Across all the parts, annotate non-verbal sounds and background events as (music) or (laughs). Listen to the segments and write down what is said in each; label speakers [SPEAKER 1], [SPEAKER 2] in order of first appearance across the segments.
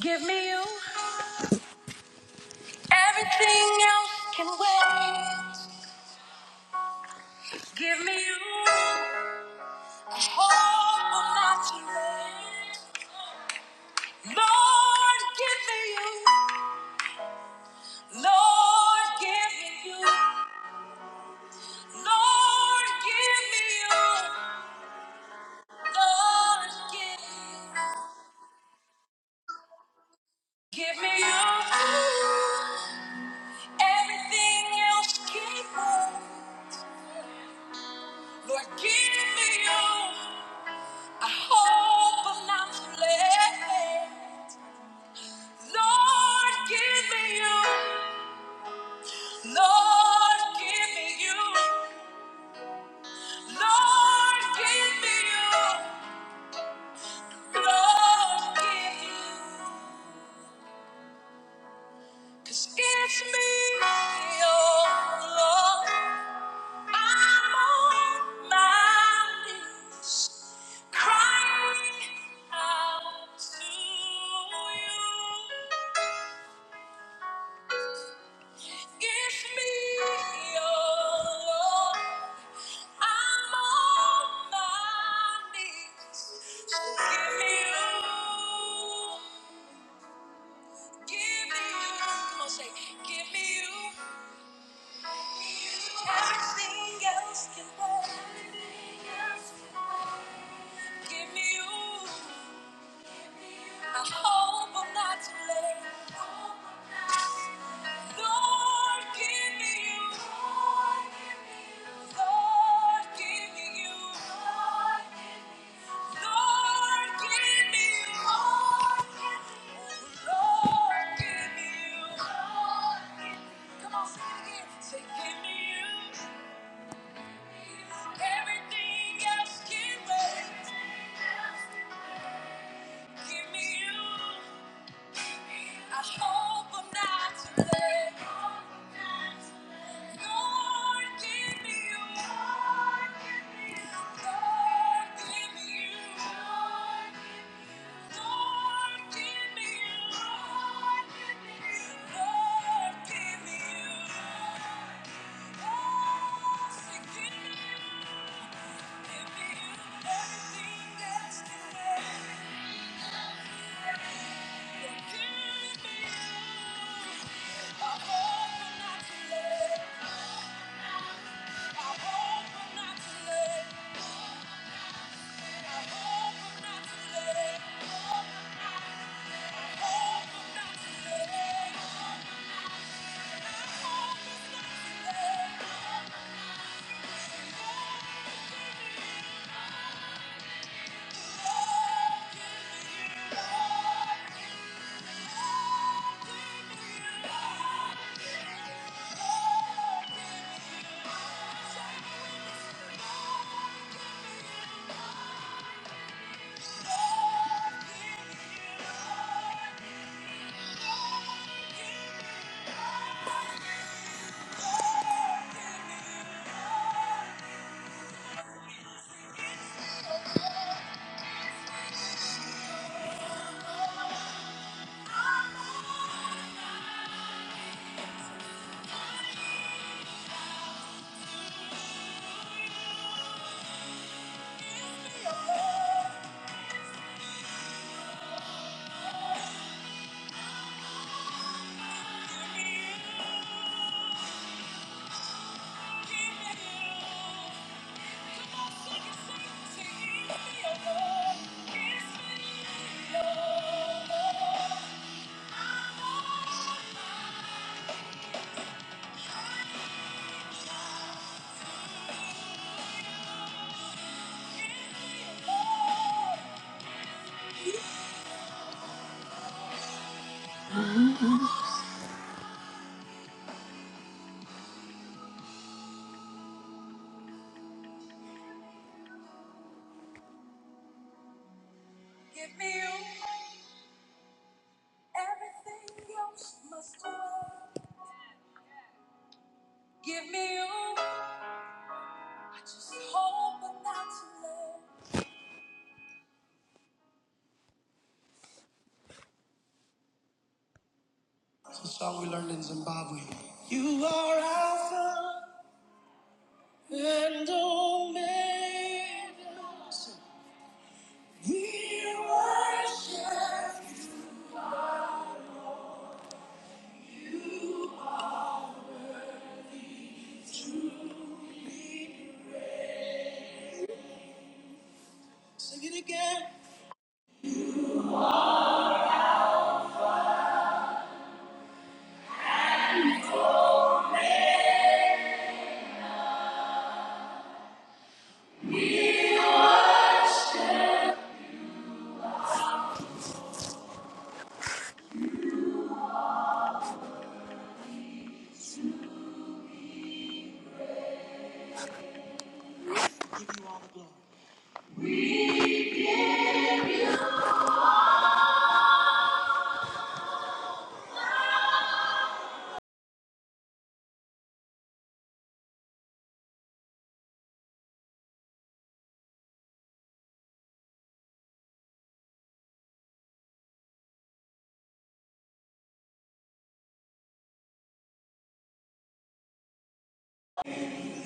[SPEAKER 1] Give me you. Everything else can wait. Give me you. Hope will not be late. Lord, give me you. Lord, give me you. Lord, give me you. Lord, give me you. Give me you. Everything else can wait. Lord, give me you. I hope I'm not too late. Lord, give me you. Lord, give me you. Lord, give me you. Lord, give me you. 'Cause it's me, oh Lord. I'm on my knees, crying out to you. It's me, oh Lord. I'm on my knees. So give me you. Give me you. Come on, say, give me you. Everything else can wait. Give me you. I hope I'm not too late. Lord, give me you. Lord, give me you. I hope I'm not too late. Lord, give me you. Lord, give me you. I hope I'm not too late. Thank you. Thank you. Give me you. Everything else must go. Give me you. I just hope I'm not too late. It's a song we learned in Zimbabwe. You are Alpha and Omega. We worship you. Sing it again.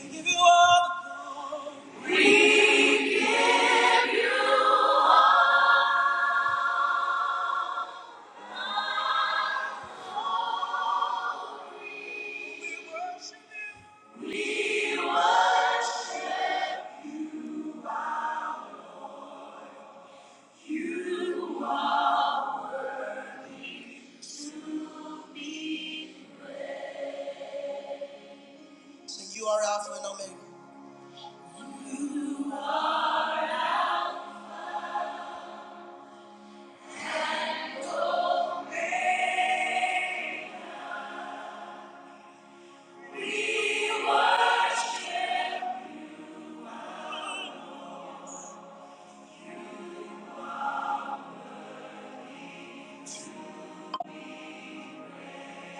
[SPEAKER 1] We give you all. Sing you are Alpha and Omega.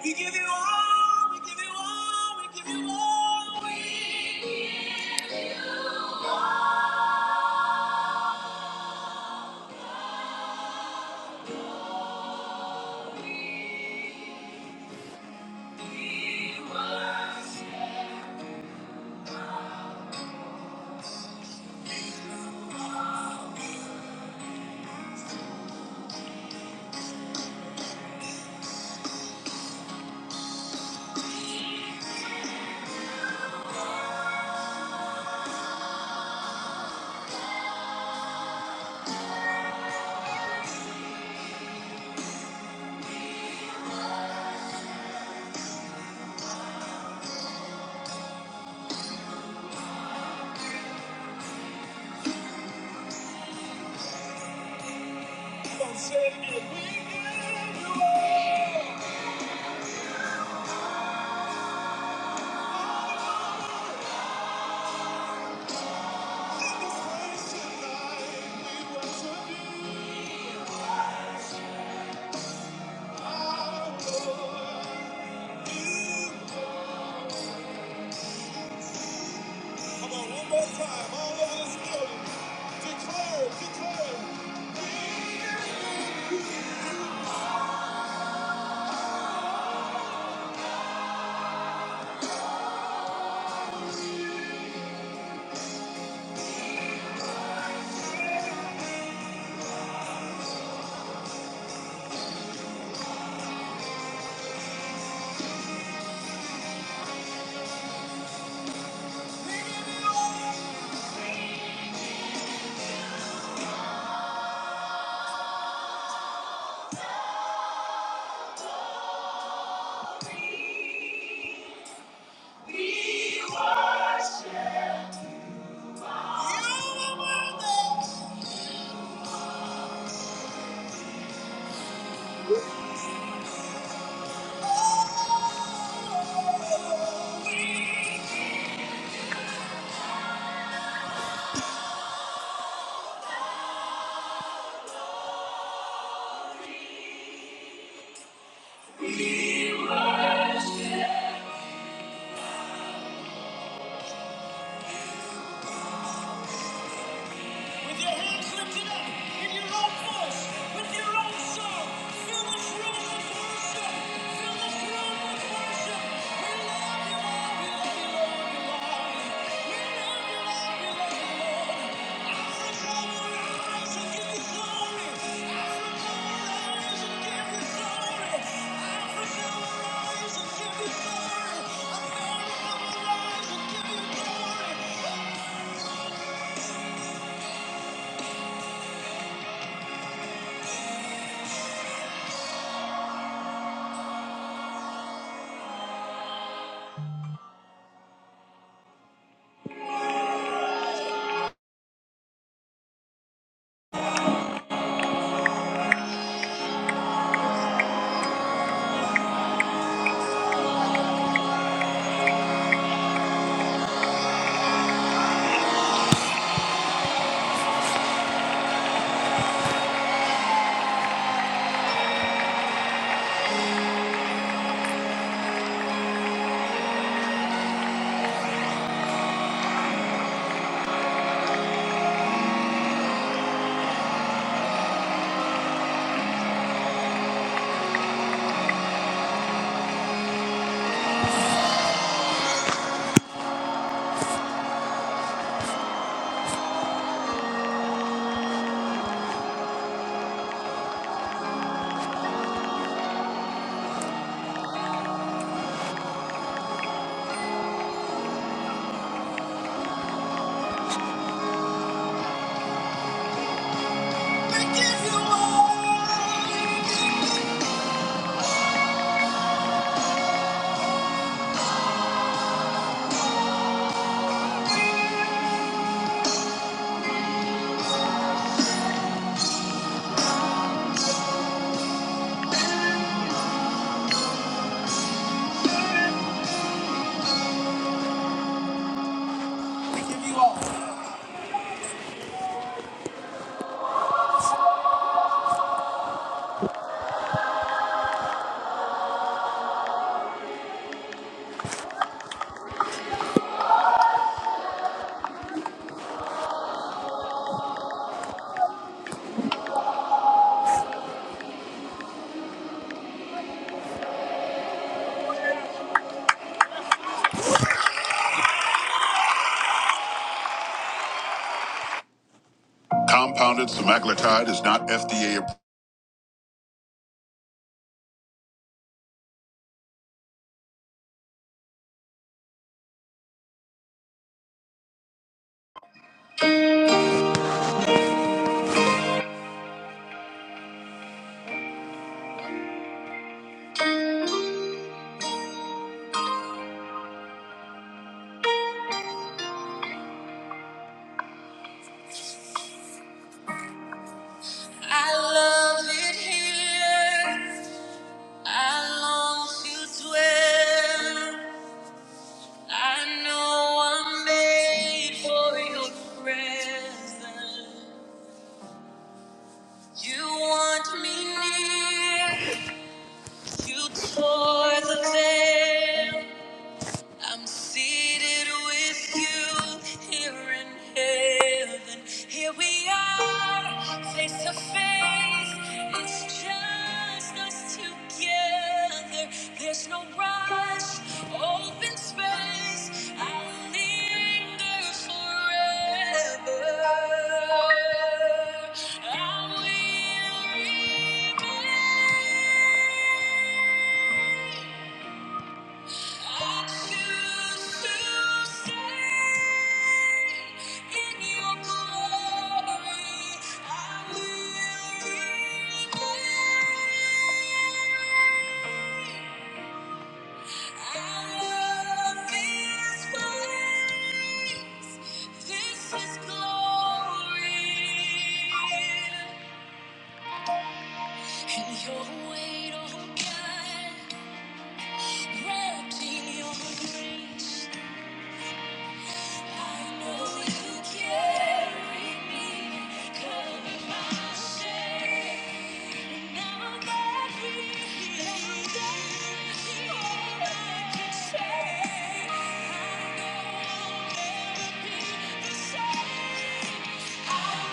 [SPEAKER 1] We give you all. We give you all. We give you all. We give you all. We worship. Say it again. We give you praise tonight. We worship you, our Lord. You. Come on, one more time. All over this building. Declare, declare. With your hands lifted up, in your own voice, with your own song, fill this room with worship. Fill this room with worship. We love you, Lord. We love you, Lord. We love you. love you, love you, Lord. Eyes over eyes and give you glory. Eyes over eyes and give you glory. Eyes over eyes and give you glory. Eyes over eyes and give you glory. Compounded semaglutide is not FDA approved. I love it here. I long to dwell. I know I'm made for your presence. You want me near. You tore the veil. I'm seated with you here in heaven. Here we are, face to face. It's just us together. There's no rush, open space. I'll linger forever. I will remain. I choose to stay in your glory. I will remain. I love this place. This is glory. And your weight, oh God, wrapped in your grace. Thank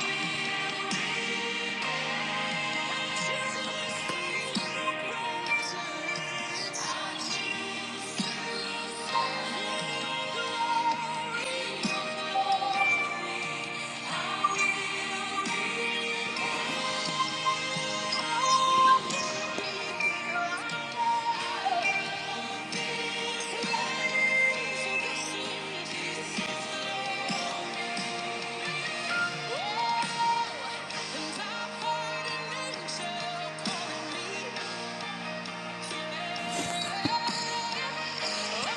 [SPEAKER 1] you I choose to sing your praises. I choose to love the glory of your name. I will reach out to the world and claim to the sea. Oh, and I find an angel calling me here. so I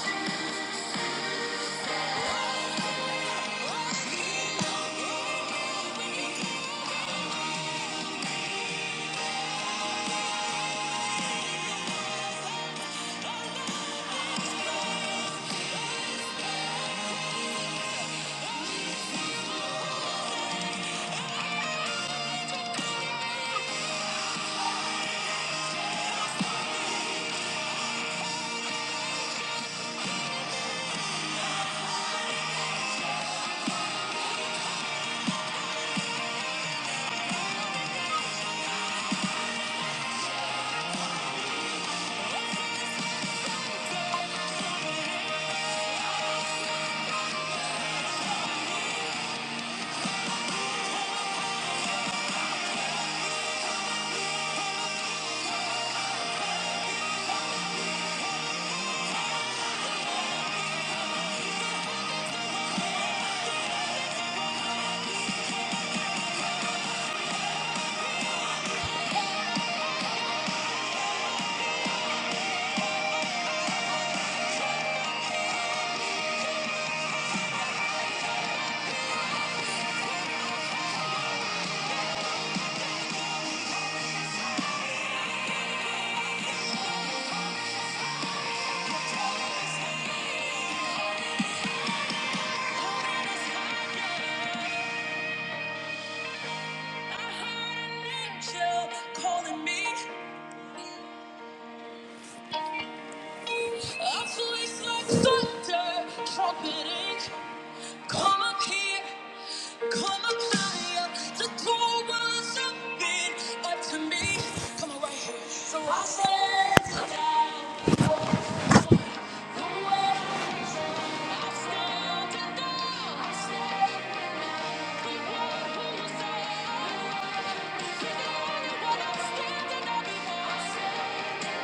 [SPEAKER 1] Thank you. I heard an angel calling me. A voice like thunder, trumpeting. Come up here, come up higher. The door was open up to me. Come on, right here. So I said, down. The way I stand and down. I stand and down. the one who said, "You're the only I stand and down. I stand and down.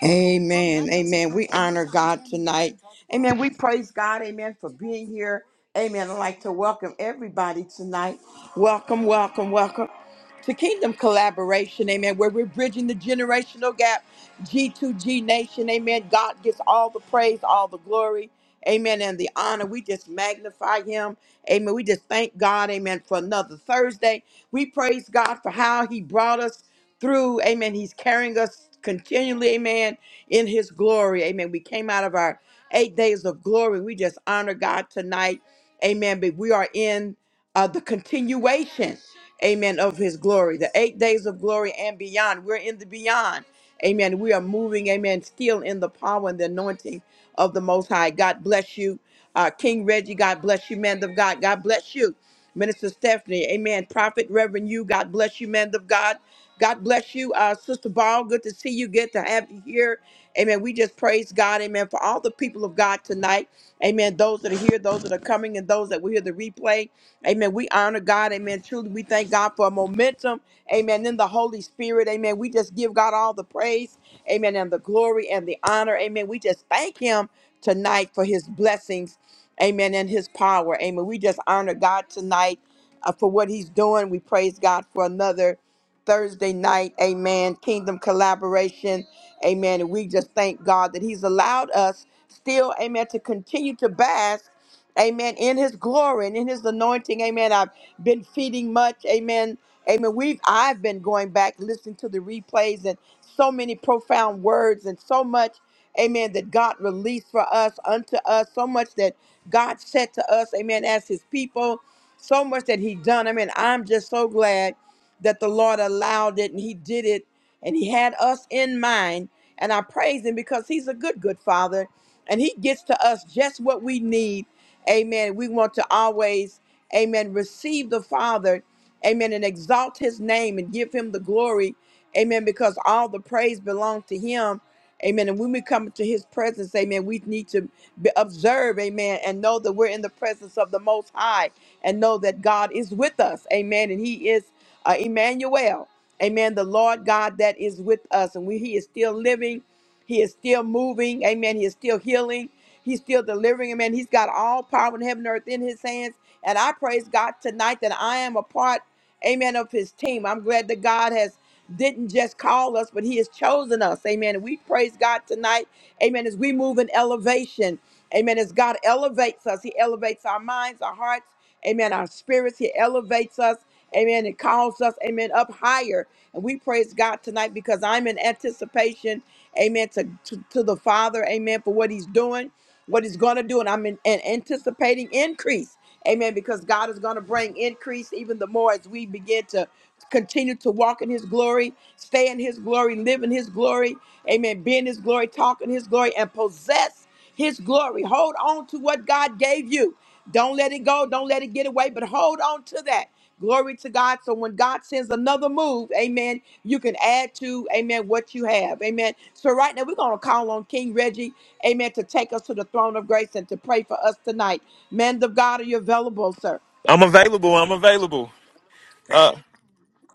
[SPEAKER 1] Amen. Amen. We honor God tonight. Amen. We praise God. Amen. For being here. Amen. I'd like to welcome everybody tonight. Welcome, welcome, welcome. to kingdom collaboration, amen, where we're bridging the generational gap, G2G nation, amen. God gets all the praise, all the glory, amen, and the honor. We just magnify him, amen. We just thank God, amen, for another Thursday. We praise God for how he brought us through, amen. He's carrying us continually, amen, in his glory, amen. We came out of our eight days of glory. We just honor God tonight, amen. But we are in uh, the continuation, amen, of his glory, the eight days of glory and beyond. We're in the beyond, amen. We are moving, amen, still in the power and the anointing of the Most High. God bless you, uh, King Reggie. God bless you, man of God. God bless you. Minister Stephanie, amen. Prophet, Reverend you, God bless you, man of God. God bless you, uh, Sister Ball. Good to see you. Good to have you here. Amen. We just praise God, amen, for all the people of God tonight. Amen. Those that are here, those that are coming, and those that will hear the replay. Amen. We honor God. Amen. Truly, we thank God for momentum. Amen. In the Holy Spirit. Amen. We just give God all the praise. Amen. And the glory and the honor. Amen. We just thank Him tonight for his blessings, amen, and his power, amen. We just honor God tonight uh, for what he's doing. We praise God for another. Thursday night. Amen. Kingdom collaboration. Amen. And we just thank God that He's allowed us still, amen, to continue to bask. Amen. In his glory and in his anointing. Amen. I've been feeding much. Amen. Amen. We've I've been going back listening to the replays and so many profound words and so much, amen, that God released for us unto us, so much that God said to us, amen, as his people, so much that he done. I mean, I'm just so glad that the Lord allowed it and He did it and He had us in mind. And I praise Him because He's a good, good Father and He gets to us just what we need. Amen. We want to always, Amen, receive the Father, Amen, and exalt His name and give Him the glory. Amen. Because all the praise belongs to Him. Amen. And when we come to his presence, amen, we need to be- observe, amen, and know that we're in the presence of the Most High and know that God is with us. Amen. And he is uh, Emmanuel. Amen. The Lord God that is with us, and we, He is still living. He is still moving. Amen. He is still healing. He's still delivering. Amen. He's got all power in heaven and earth in His hands. And I praise God tonight that I am a part. Amen. Of His team. I'm glad that God has didn't just call us, but He has chosen us. Amen. And we praise God tonight. Amen. As we move in elevation. Amen. As God elevates us, He elevates our minds, our hearts. Amen. Our spirits. He elevates us. Amen. It calls us, amen, up higher. And we praise God tonight because I'm in anticipation, amen, to, to, to the Father, amen, for what He's doing, what He's going to do. And I'm in, and anticipating increase us. Amen. Because God is going to bring increase even the more as we begin to continue to walk in his glory, stay in his glory, live in his glory. Amen. Be in his glory, talk in his glory, and possess his glory. Hold on to what God gave you. Don't let it go. Don't let it get away, but hold on to that. Glory to God. So when God sends another move, amen, you can add to, amen, what you have. Amen. So right now we're going to call on King Reggie, amen, to take us to the throne of grace and to pray for us tonight. Men of God, are you available, sir?
[SPEAKER 2] I'm available. I'm available. Uh,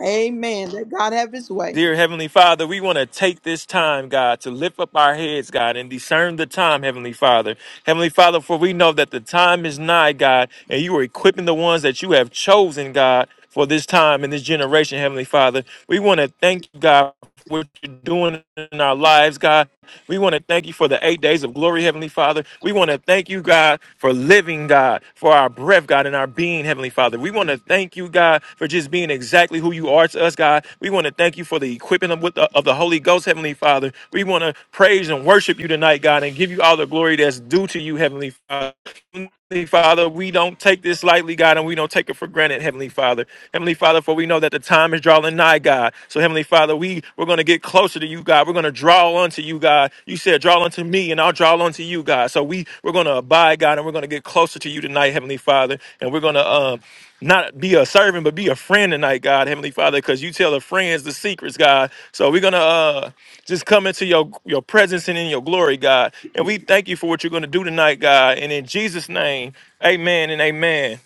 [SPEAKER 1] Amen. Let God have his way.
[SPEAKER 2] dear Heavenly Father, we want to take this time, God, to lift up our heads, God, and discern the time, Heavenly Father. Heavenly Father, for we know that the time is nigh, God, and you are equipping the ones that you have chosen, God, for this time and this generation, Heavenly Father. We want to thank you, God what you're doing in our lives, God. We want to thank you for the eight days of glory, Heavenly Father. We want to thank you, God, for living, God, for our breath, God, and our being, Heavenly Father. We want to thank you, God, for just being exactly who you are to us, God. We want to thank you for the equipping of, with the, of the Holy Ghost, Heavenly Father. We want to praise and worship you tonight, God, and give you all the glory that's due to you, Heavenly Father Heavenly Father, we don't take this lightly, God, and we don't take it for granted, Heavenly Father. Heavenly Father, for we know that the time is drawing nigh, God. So, Heavenly Father, we, we're going to get closer to you, God. We're going to draw unto you, God. You said, draw unto me, and I'll draw unto you, God. So, we, we're going to abide, God, and we're going to get closer to you tonight, Heavenly Father. And we're going to um, not be a servant, but be a friend tonight, God, Heavenly Father, because you tell the friends the secrets, God. So we're gonna uh just come into your your presence and in your glory, God. And we thank you for what you're gonna do tonight, God. And in Jesus' name, amen and amen.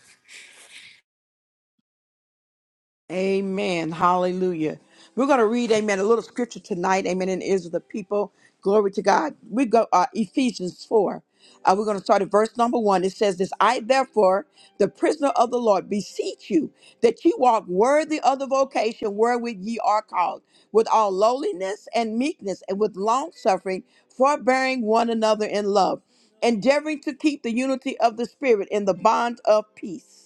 [SPEAKER 1] Amen. Hallelujah. We're going to read, amen, a little scripture tonight. Amen. In Israel, the people. Glory to God. We go uh, Ephesians 4. Uh, we're going to start at verse number one. It says this I, therefore, the prisoner of the Lord, beseech you that ye walk worthy of the vocation wherewith ye are called, with all lowliness and meekness, and with long suffering, forbearing one another in love, endeavoring to keep the unity of the Spirit in the bond of peace.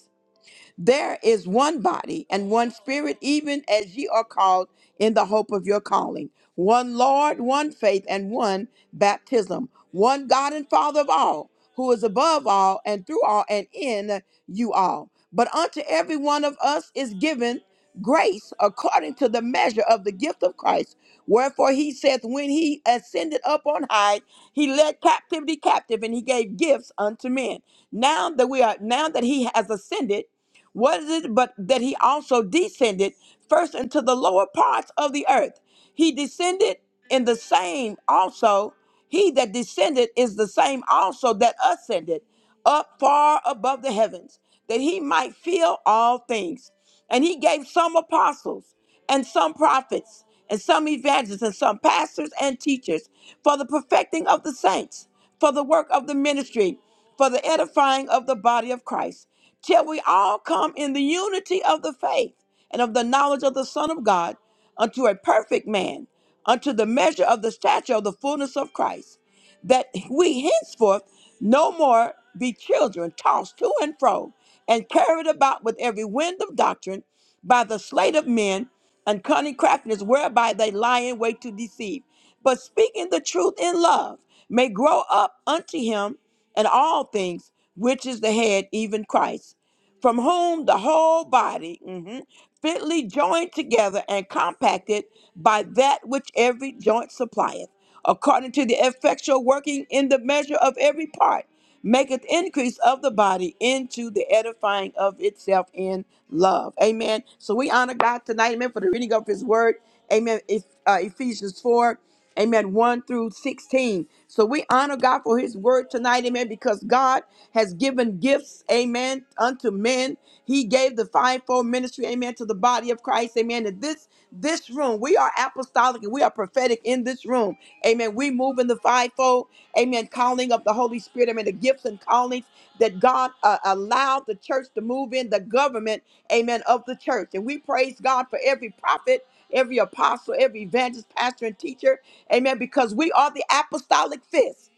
[SPEAKER 1] There is one body and one spirit, even as ye are called in the hope of your calling. One Lord, one faith, and one baptism. One God and Father of all, who is above all and through all and in you all. But unto every one of us is given grace according to the measure of the gift of Christ. Wherefore he saith, When he ascended up on high, he led captivity captive, and he gave gifts unto men. Now that we are now that he has ascended, what is it but that he also descended first into the lower parts of the earth? He descended in the same also. He that descended is the same also that ascended up far above the heavens, that he might fill all things. And he gave some apostles, and some prophets, and some evangelists, and some pastors and teachers for the perfecting of the saints for the work of the ministry, for the edifying of the body of Christ, till we all come in the unity of the faith and of the knowledge of the Son of God, unto a perfect man, unto the measure of the stature of the fullness of Christ that we henceforth no more be children tossed to and fro and carried about with every wind of doctrine by the sleight of men and cunning craftiness whereby they lie in wait to deceive. But speaking the truth in love may grow up unto him in all things, which is the head, even Christ from whom the whole body mhm, fitly joined together and compacted by that which every joint supplieth, according to the effectual working in the measure of every part, maketh increase of the body into the edifying of itself in love. Amen. So we honor God tonight, amen, for the reading of his word. Amen. If, uh, Ephesians 4. Amen. 1 through 16. So we honor God for his word tonight. Amen. Because God has given gifts. Amen. Unto men. He gave the fivefold ministry. Amen. To the body of Christ. Amen. And this this room, we are apostolic and we are prophetic in this room. Amen. We move in the fivefold. Amen. Calling of the Holy Spirit. Amen. The gifts and callings that God uh, allowed the church to move in the government. Amen. Of the church. And we praise God for every prophet every apostle, every evangelist, pastor, and teacher. Amen. Because we are the apostolic fist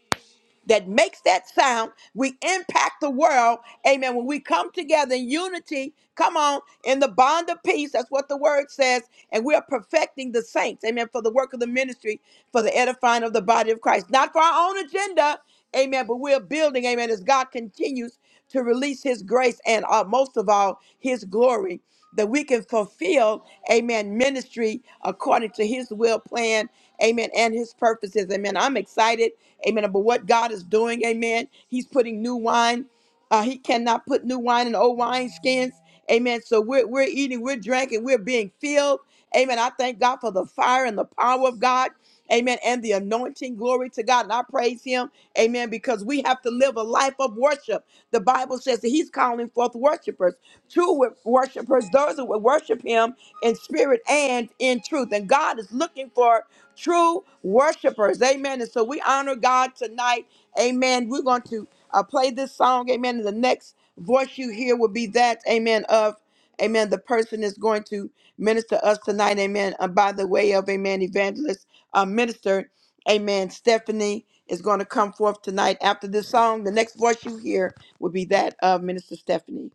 [SPEAKER 1] that makes that sound. We impact the world. Amen. When we come together in unity, come on, in the bond of peace, that's what the word says. And we are perfecting the saints. Amen. For the work of the ministry, for the edifying of the body of Christ, not for our own agenda. Amen. But we're building, amen, as God continues to release his grace and uh, most of all his glory that we can fulfill amen ministry according to his will plan amen and his purposes amen i'm excited amen about what god is doing amen he's putting new wine uh, he cannot put new wine in old wine skins Amen. So we're, we're eating, we're drinking, we're being filled. Amen. I thank God for the fire and the power of God. Amen. And the anointing. Glory to God. And I praise him. Amen. Because we have to live a life of worship. The Bible says that he's calling forth worshipers, true wor- worshipers, those who will worship him in spirit and in truth. And God is looking for true worshipers. Amen. And so we honor God tonight. Amen. We're going to uh, play this song. Amen. In the next voice you hear will be that, amen, of, amen, the person is going to minister us tonight, amen, uh, by the way of, amen, evangelist, uh, minister, amen, Stephanie is going to come forth tonight after this song. The next voice you hear will be that of Minister Stephanie.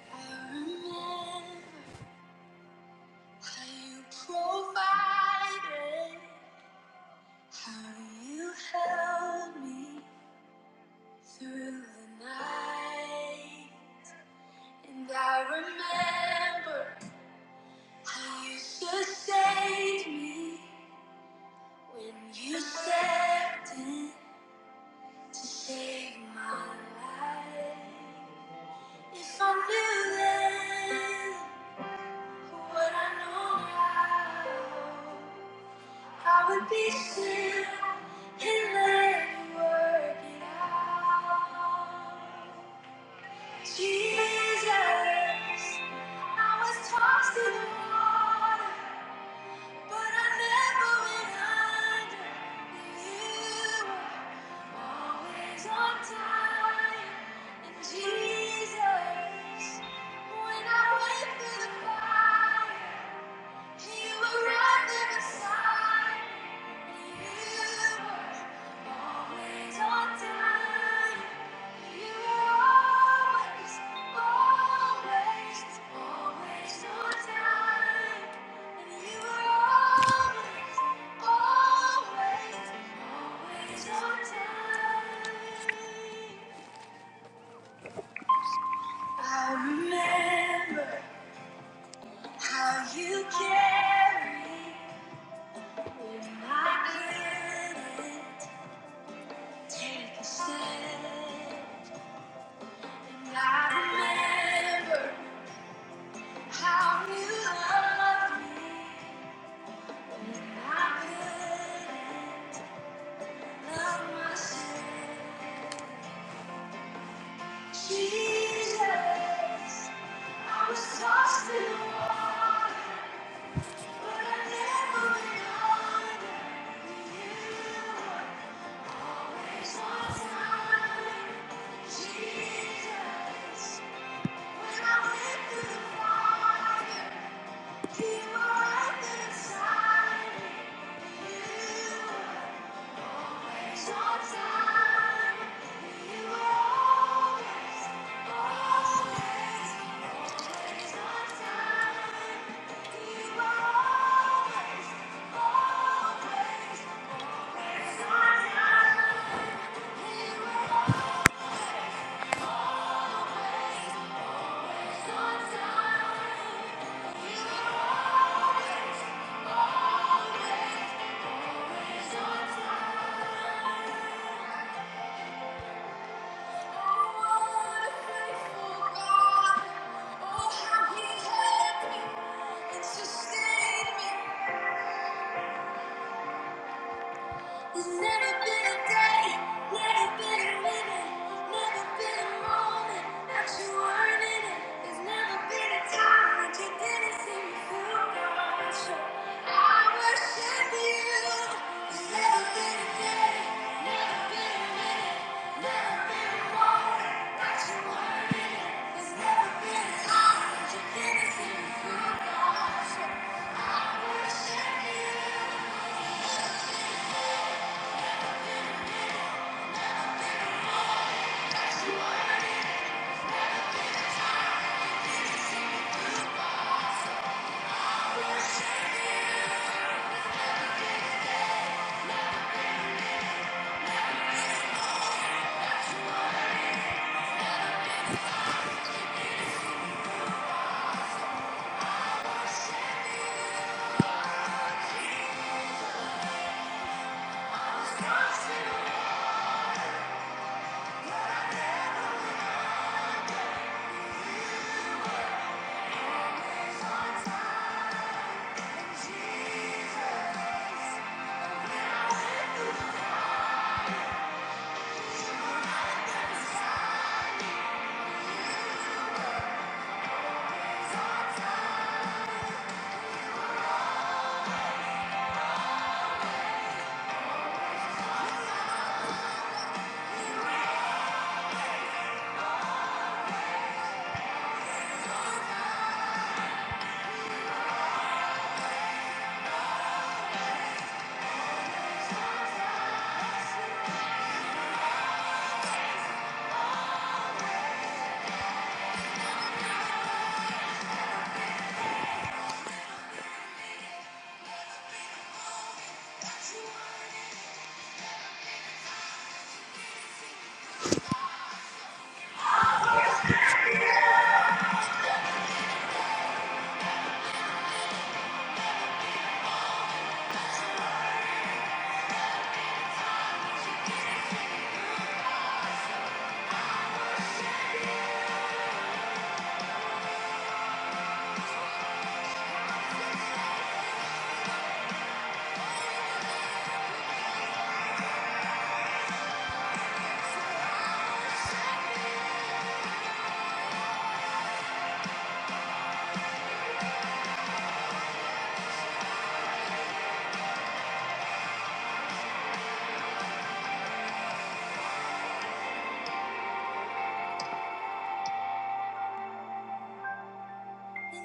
[SPEAKER 1] I remember how you provided, how you held me through the night. And I remember how you used to save me when you stepped in to save my life. If I knew then what I know now, I would be still and let you work it out. Jesus, I was tossed in the water. But I never went under. You were always on time. And Jesus, when I went through the fire, you were right there beside me. You were always on time. You were always, always, always on time. And you were always, always, always on time. I remember how you carried. Jesus, I was lost in water, but I never went under. You always on time, Jesus. Always on time. Oh, how he helped me and sustained me. There's never been a day, never been a minute, never been a moment that you weren't in it. There's never been a time that you didn't see me through. God, I worship, you. There's never been a day, never been a minute, never been a moment that you weren't in it. There's never been a time that you didn't see me through. God, I worship, you. I worship you.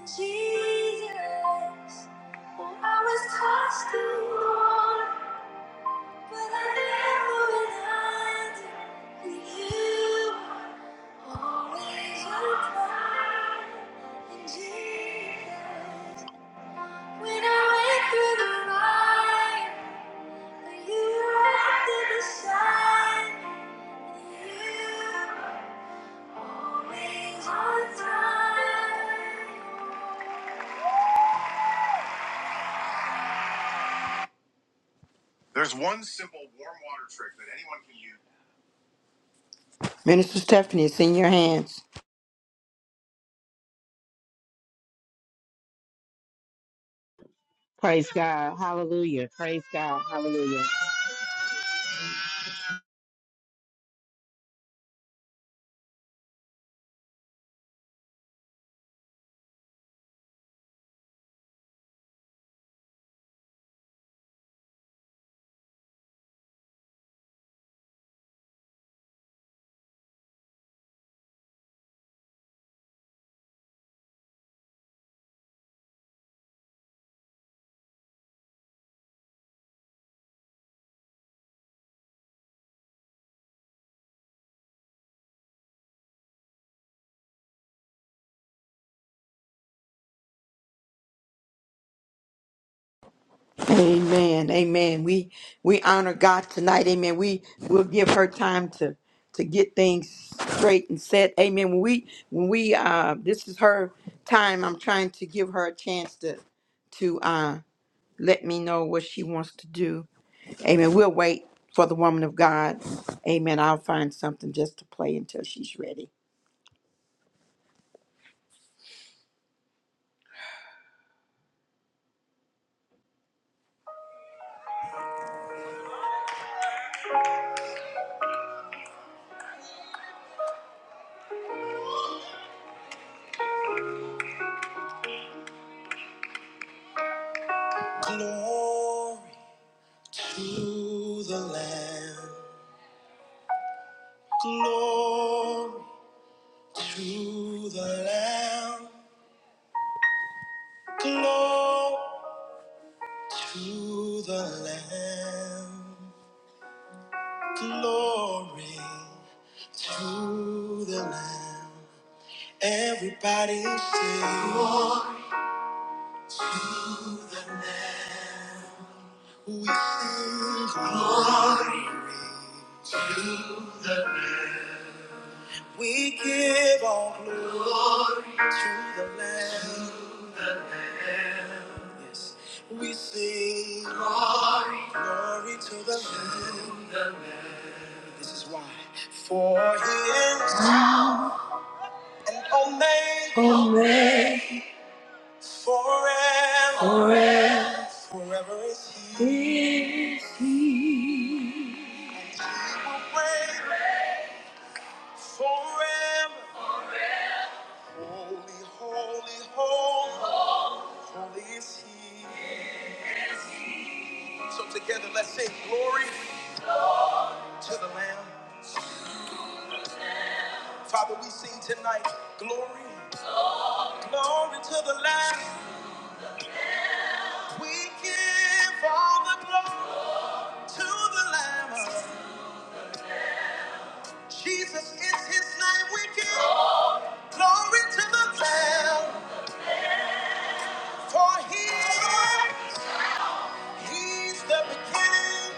[SPEAKER 1] Jesus, oh, I was tossed and torn, but I never went under. And you always were kind. And Jesus. Minister Stephanie, it's in your hands.
[SPEAKER 3] Praise God. Hallelujah. Praise God. Hallelujah.
[SPEAKER 1] Amen. Amen. We we honor God tonight. Amen. We will give her time to to get things straight and set. Amen. When we when we uh this is her time. I'm trying to give her a chance to to uh let me know what she wants to do. Amen. We'll wait for the woman of God. Amen. I'll find something just to play until she's ready. Glory to the Lamb. Glory to the Lamb. Glory to the Lamb. Glory to the Lamb. Everybody say, To the Lamb we sing glory. We give all glory to the Lamb. Yes, we sing glory to the Lamb. This is why. For He is an Omega. Omega. Forever. Forever. Forever is He. He will reign forever. Holy, holy, holy, holy is he. So together let's sing glory to the Lamb. Father, we sing tonight glory, glory to the Lamb. We give all the glory to the Lamb. Jesus is his name. We give glory to the Lamb. For he is, he's the beginning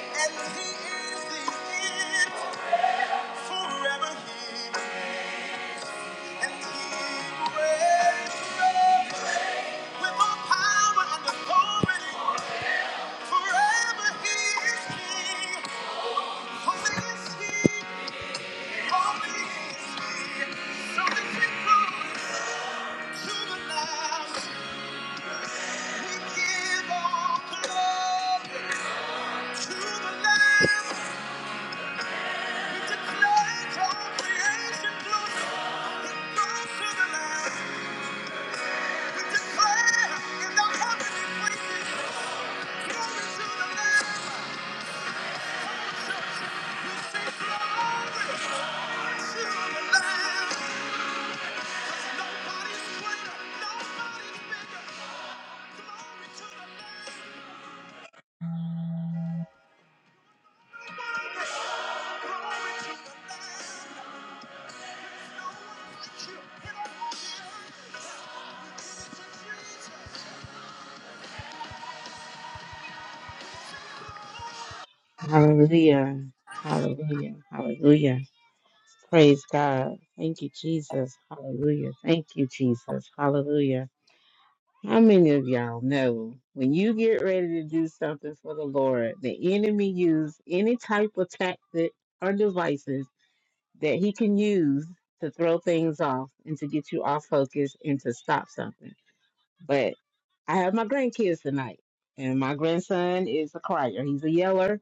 [SPEAKER 1] and he is the end. Forever he and liberate. With all power and authority, forever He is King. Holy is He, holy is So that we to the Lamb, we give all glory to the Lamb. We declare all creation glory. It goes to the Lamb. We declare in the heavenly places, glory to the Lamb.
[SPEAKER 3] Hallelujah. Hallelujah. Hallelujah. Praise God. Thank you, Jesus. Hallelujah. Thank you, Jesus. Hallelujah. How many of y'all know when you get ready to do something for the Lord, the enemy use any type of tactic or devices that he can use to throw things off and to get you off focus and to stop something? But I have my grandkids tonight, and my grandson is a crier. He's a yeller,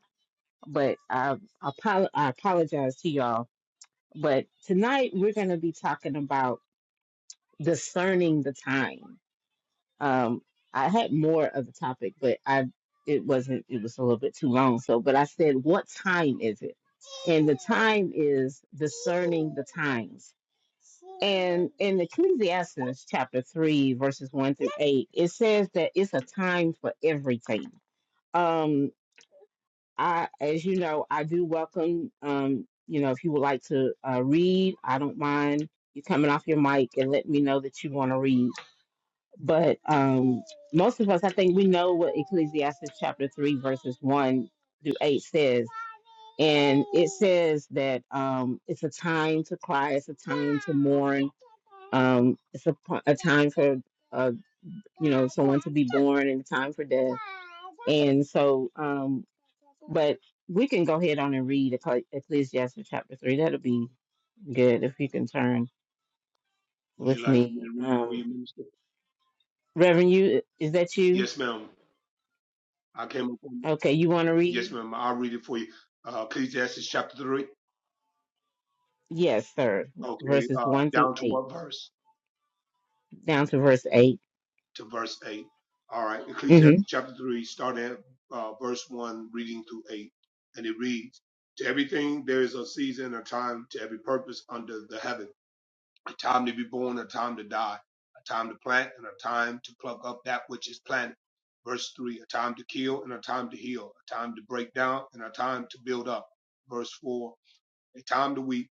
[SPEAKER 3] but I, I, apo- I apologize to y'all. But tonight we're going to be talking about discerning the time. Um, I had more of the topic, but I it wasn't. It was a little bit too long. So, but I said, what time is it? And the time is discerning the times. And in Ecclesiastes chapter 3, verses 1 through 8, it says that it's a time for everything. Um, I, as you know, I do welcome, um, you know, if you would like to uh, read, I don't mind you coming off your mic and let me know that you want to read. But um, most of us, I think we know what Ecclesiastes chapter 3, verses 1 through 8 says and it says that um, it's a time to cry, it's a time to mourn, um, it's a, po- a time for uh, you know someone to be born and a time for death. And so, um, but we can go ahead on and read Eccle- Ecclesiastes chapter three. That'll be good if you can turn
[SPEAKER 4] Would you
[SPEAKER 3] with
[SPEAKER 4] like for me
[SPEAKER 3] me.
[SPEAKER 4] to read it for
[SPEAKER 3] Um,
[SPEAKER 4] you, Minister?
[SPEAKER 3] Reverend, you is that you?
[SPEAKER 4] Yes, ma'am. I came up on
[SPEAKER 3] Okay, you want to
[SPEAKER 4] Yes,
[SPEAKER 3] read?
[SPEAKER 4] ma'am. I'll read it for you. Uh, Ecclesiastes chapter 3.
[SPEAKER 3] Yes, sir.
[SPEAKER 4] Okay,
[SPEAKER 3] Verses
[SPEAKER 4] uh,
[SPEAKER 3] one through
[SPEAKER 4] down to
[SPEAKER 3] eight,
[SPEAKER 4] what verse?
[SPEAKER 3] down to verse 8
[SPEAKER 4] To verse 8. All right,
[SPEAKER 3] Mm-hmm.
[SPEAKER 4] Ecclesiastes chapter 3, starting at uh, verse 1, reading through 8. And it reads To everything there is a season, a time to every purpose under the heaven a time to be born, a time to die, a time to plant, and a time to pluck up that which is planted. Verse 3 A time to kill and a time to heal, a time to break down and a time to build up. Verse 4 A time to weep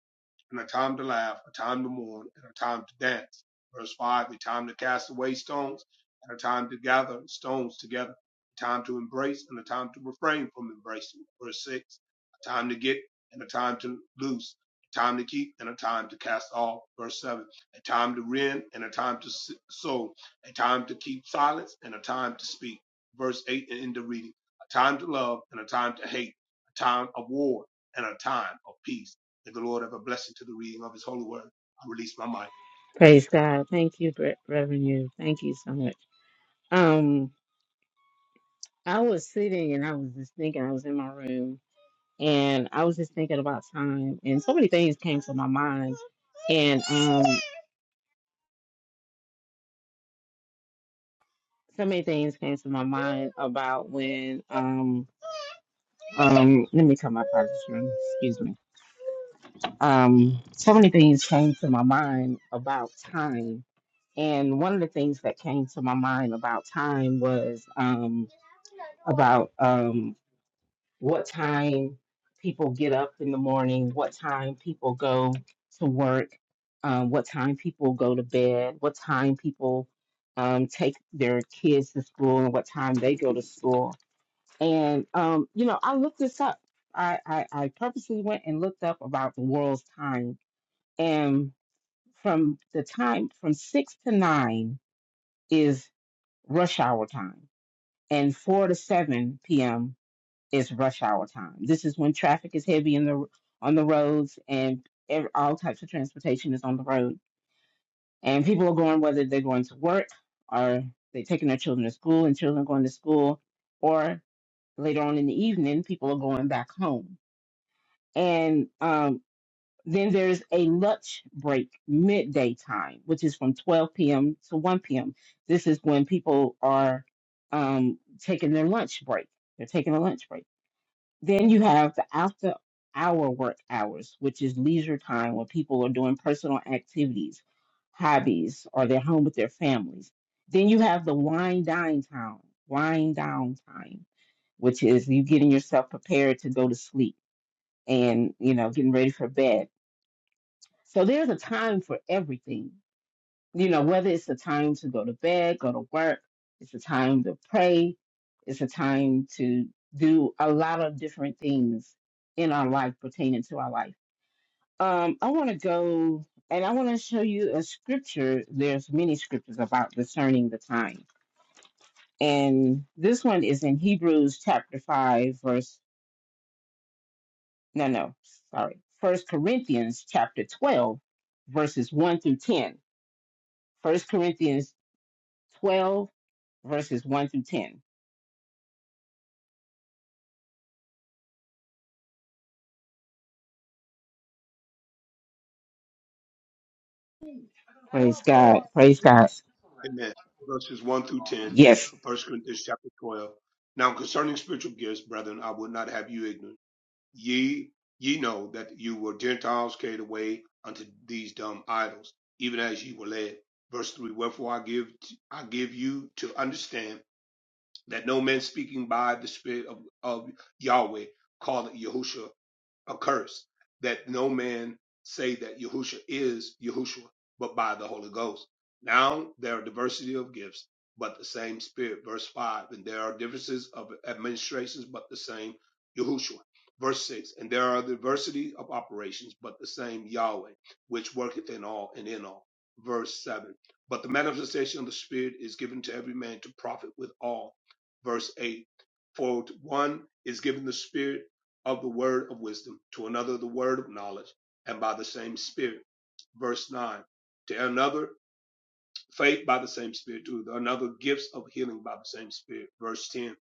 [SPEAKER 4] and a time to laugh, a time to mourn, and a time to dance. Verse 5, a time to cast away stones, and a time to gather stones together, a time to embrace, and a time to refrain from embracing. Verse 6, a time to get, and a time to loose, a time to keep, and a time to cast off. Verse 7, a time to rend, and a time to s- sow, a time to keep silence, and a time to speak. Verse 8, and end the reading, a time to love, and a time to hate, a time of war, and a time of peace May the Lord have a blessing to the reading of his holy word. I release my mic.
[SPEAKER 3] Praise God. Thank you, Bre- Reverend. You. Thank you so much. Um, I was sitting and I was just thinking. I was in my room and I was just thinking about time, and so many things came to my mind, and um, so many things came to my mind about when um um let me tell my father's room. Excuse me. Um, so many things came to my mind about time, and one of the things that came to my mind about time was um about um. what time people get up in the morning, what time people go to work, um, what time people go to bed, what time people um, take their kids to school, and what time they go to school. And, um, you know, I looked this up. I, I, I purposely went and looked up about the world's time. And from the time from six to nine is rush hour time, and four to 7 p.m is rush hour time. This is when traffic is heavy in the on the roads and ev all types of transportation is on the road. And people are going whether they're going to work or they're taking their children to school and children are going to school or later on in the evening people are going back home. And um then there's a lunch break midday time, which is from 12 p.m. to 1 p.m. This is when people are um, taking their lunch break. They're taking a lunch break. Then you have the after hour work hours, which is leisure time when people are doing personal activities, hobbies, or they're home with their families. Then you have the wind down time, wind down time, which is you getting yourself prepared to go to sleep and you know getting ready for bed. So there's a time for everything you know, whether it's a time to go to bed, go to work, it's a time to pray, it's a time to do a lot of different things in our life pertaining to our life. Um, I want to go and I want to show you a scripture. There's many scriptures about discerning the time. And this one is in Hebrews chapter 5, verse, no, no, sorry, First Corinthians chapter 12, verses 1 through 10. First Corinthians 12, verses 1 through 10. Praise God. Praise God.
[SPEAKER 4] Amen. Verses 1 through 10
[SPEAKER 3] Yes.
[SPEAKER 4] of First Corinthians chapter 12. Now concerning spiritual gifts, brethren, I would not have you ignorant. Ye, ye know that you were Gentiles carried away unto these dumb idols, even as ye were led. Verse 3, wherefore I give, I give you to understand that no man speaking by the Spirit of, of Yahweh calleth Yahushua a curse that no man say that Yahushua is Yahushua, but by the Holy Ghost. Now there are diversity of gifts, but the same Spirit. Verse 5. And there are differences of administrations, but the same Yahushua. Verse 6. And there are diversity of operations, but the same Yahweh, which worketh in all and in all. Verse 7. But the manifestation of the Spirit is given to every man to profit with all. Verse 8. For to one is given the Spirit of the word of wisdom, to another the word of knowledge, and by the same Spirit. Verse 9. To another faith by the same Spirit, to another gifts of healing by the same Spirit. Verse 10.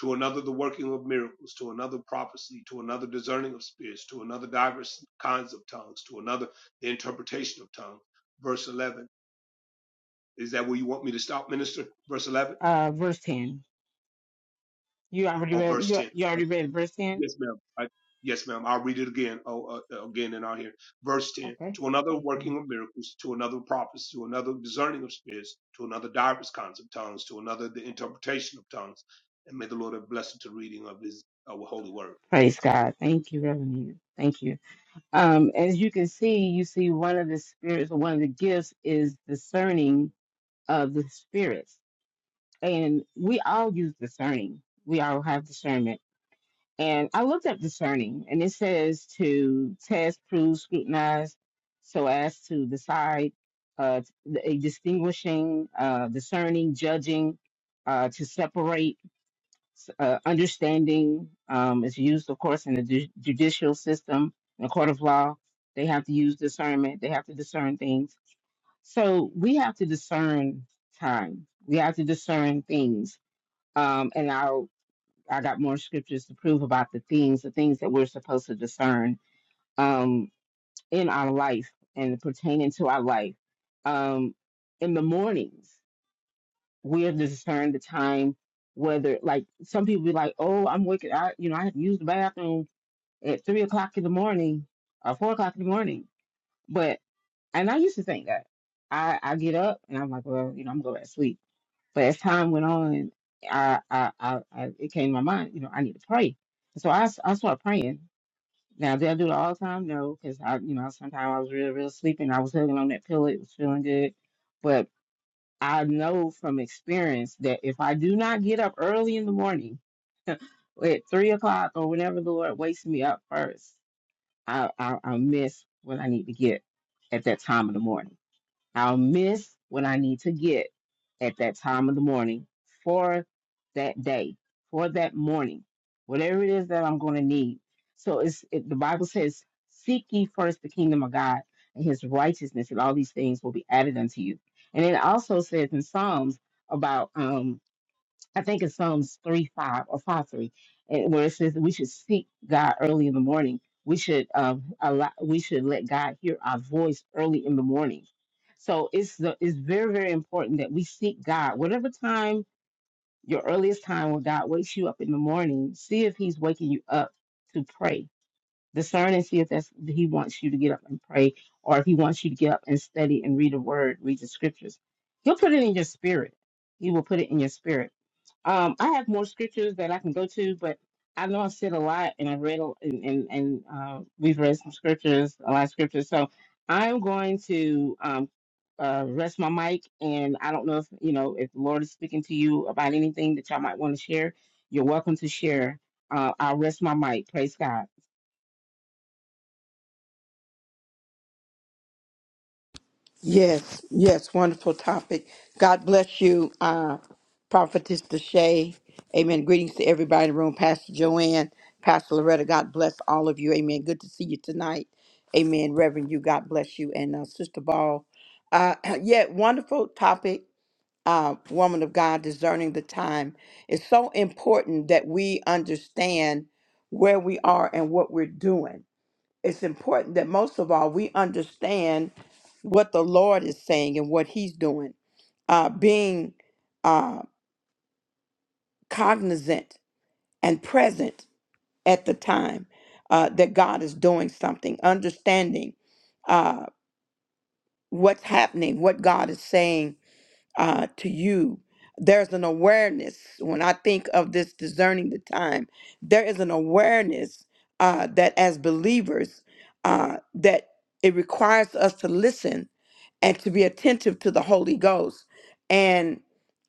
[SPEAKER 4] To another the working of miracles, to another prophecy, to another discerning of spirits, to another diverse kinds of tongues, to another the interpretation of tongues. Verse 11. Is that where you want me to stop, minister? Verse 11
[SPEAKER 3] Uh, verse 10. You already
[SPEAKER 4] or
[SPEAKER 3] read,
[SPEAKER 4] verse
[SPEAKER 3] you,
[SPEAKER 4] 10?
[SPEAKER 3] you already read verse 10?
[SPEAKER 4] Yes, ma'am. I, yes, ma'am. I'll read it again. Oh, uh, uh, again, in our here, verse ten.
[SPEAKER 3] Okay.
[SPEAKER 4] To another
[SPEAKER 3] Thank you.
[SPEAKER 4] working of miracles, to another prophets, to another discerning of spirits, to another diverse kinds of tongues, to another the interpretation of tongues. And may the Lord have blessed to the reading of His uh, holy word.
[SPEAKER 3] Praise God. Thank you, Reverend. Yu. Thank you. Um, as you can see, you see one of the spirits, or one of the gifts is discerning of the spirits. And we all use discerning. We all have discernment. And I looked up discerning, and it says to test, prove, scrutinize, so as to decide, uh, a distinguishing, uh, discerning, judging, uh, to separate, uh, understanding um, is used, of course, in the ju- judicial system, in the court of law. They have to use discernment. They have to discern things. So we have to discern time. We have to discern things. Um, and I I got more scriptures to prove about the things, the things that we're supposed to discern um, in our life and pertaining to our life. Um, in the mornings, we have to discern the time whether, like, some people be like, "Oh, I'm wicked. I, you know, I have to use the bathroom at three o'clock in the morning or four o'clock in the morning." But and I used to think that I I get up and I'm like, "Well, you know, I'm going to go back to sleep." But as time went on, I, I, I, I it came to my mind, you know, I need to pray. So I, s- I started praying. Now, did I do it all the time? No, because I, you know, sometimes I was real, real sleepy and I was hugging on that pillow. It was feeling good. But I know from experience that if I do not get up early in the morning at three o'clock or whenever the Lord wakes me up first, I, I, I miss what I need to get at that time of the morning. I'll miss what I need to get at that time of the morning for that day, for that morning, whatever it is that I'm going to need. So it's it, the Bible says, "Seek ye first the kingdom of God and His righteousness, and all these things will be added unto you." And it also says in Psalms about um, I think it's Psalms 3 5 or 5 3, eh, where it says that we should seek God early in the morning. We should um, allow, we should let God hear our voice early in the morning. So it's the, it's very very important that we seek God. Whatever time your earliest time when God wakes you up in the morning, see if He's waking you up to pray. Discern and see if that's He wants you to get up and pray, or if He wants you to get up and study and read a Word, read the Scriptures. He'll put it in your spirit. He will put it in your spirit um, I have more scriptures that I can go to, but I know I've said a lot, and I've read a, and and, and uh, we've read some scriptures, a lot of scriptures. So I'm going to um, uh, rest my mic, and I don't know if you know if the Lord is speaking to you about anything that y'all might want to share. You're welcome to share. Uh, I'll rest my mic. Praise God.
[SPEAKER 1] Yes, yes, wonderful topic. God bless you, uh, Prophetess Deshay. Amen. Greetings to everybody in the room, Pastor Joanne, Pastor Loretta. God bless all of you. Amen. Good to see you tonight. Amen. Reverend, you, God bless you. And uh, Sister Ball. Uh, (clears throat) yeah, wonderful topic. uh, woman of God, discerning the time. It's so important that we understand where we are and what we're doing. It's important that most of all, we understand what the Lord is saying and what He's doing, uh, being uh, cognizant and present at the time uh, that God is doing something, understanding uh, what's happening, what God is saying uh, to you. There's an awareness when I think of this discerning the time. There is an awareness uh, that as believers uh, that it requires us to listen and to be attentive to the Holy Ghost and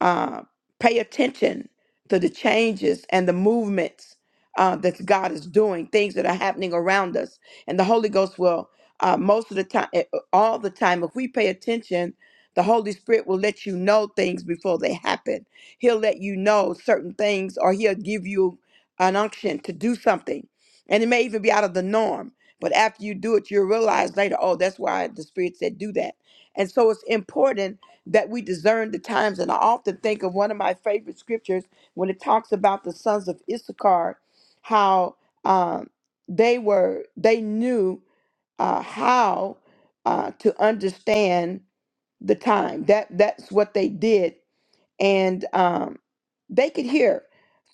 [SPEAKER 1] uh, pay attention to the changes and the movements uh, that God is doing, things that are happening around us. And the Holy Ghost will, uh, most of the time, all the time, if we pay attention, the Holy Spirit will let you know things before they happen. He'll let you know certain things, or He'll give you an unction to do something. And it may even be out of the norm. But after you do it, you'll realize later, oh, that's why the Spirit said do that and so it's important that we discern the times. And I often think of one of my favorite scriptures when it talks about the sons of Issachar, how um, they were, they knew uh, how uh, to understand the time. That that's what they did and um, they could hear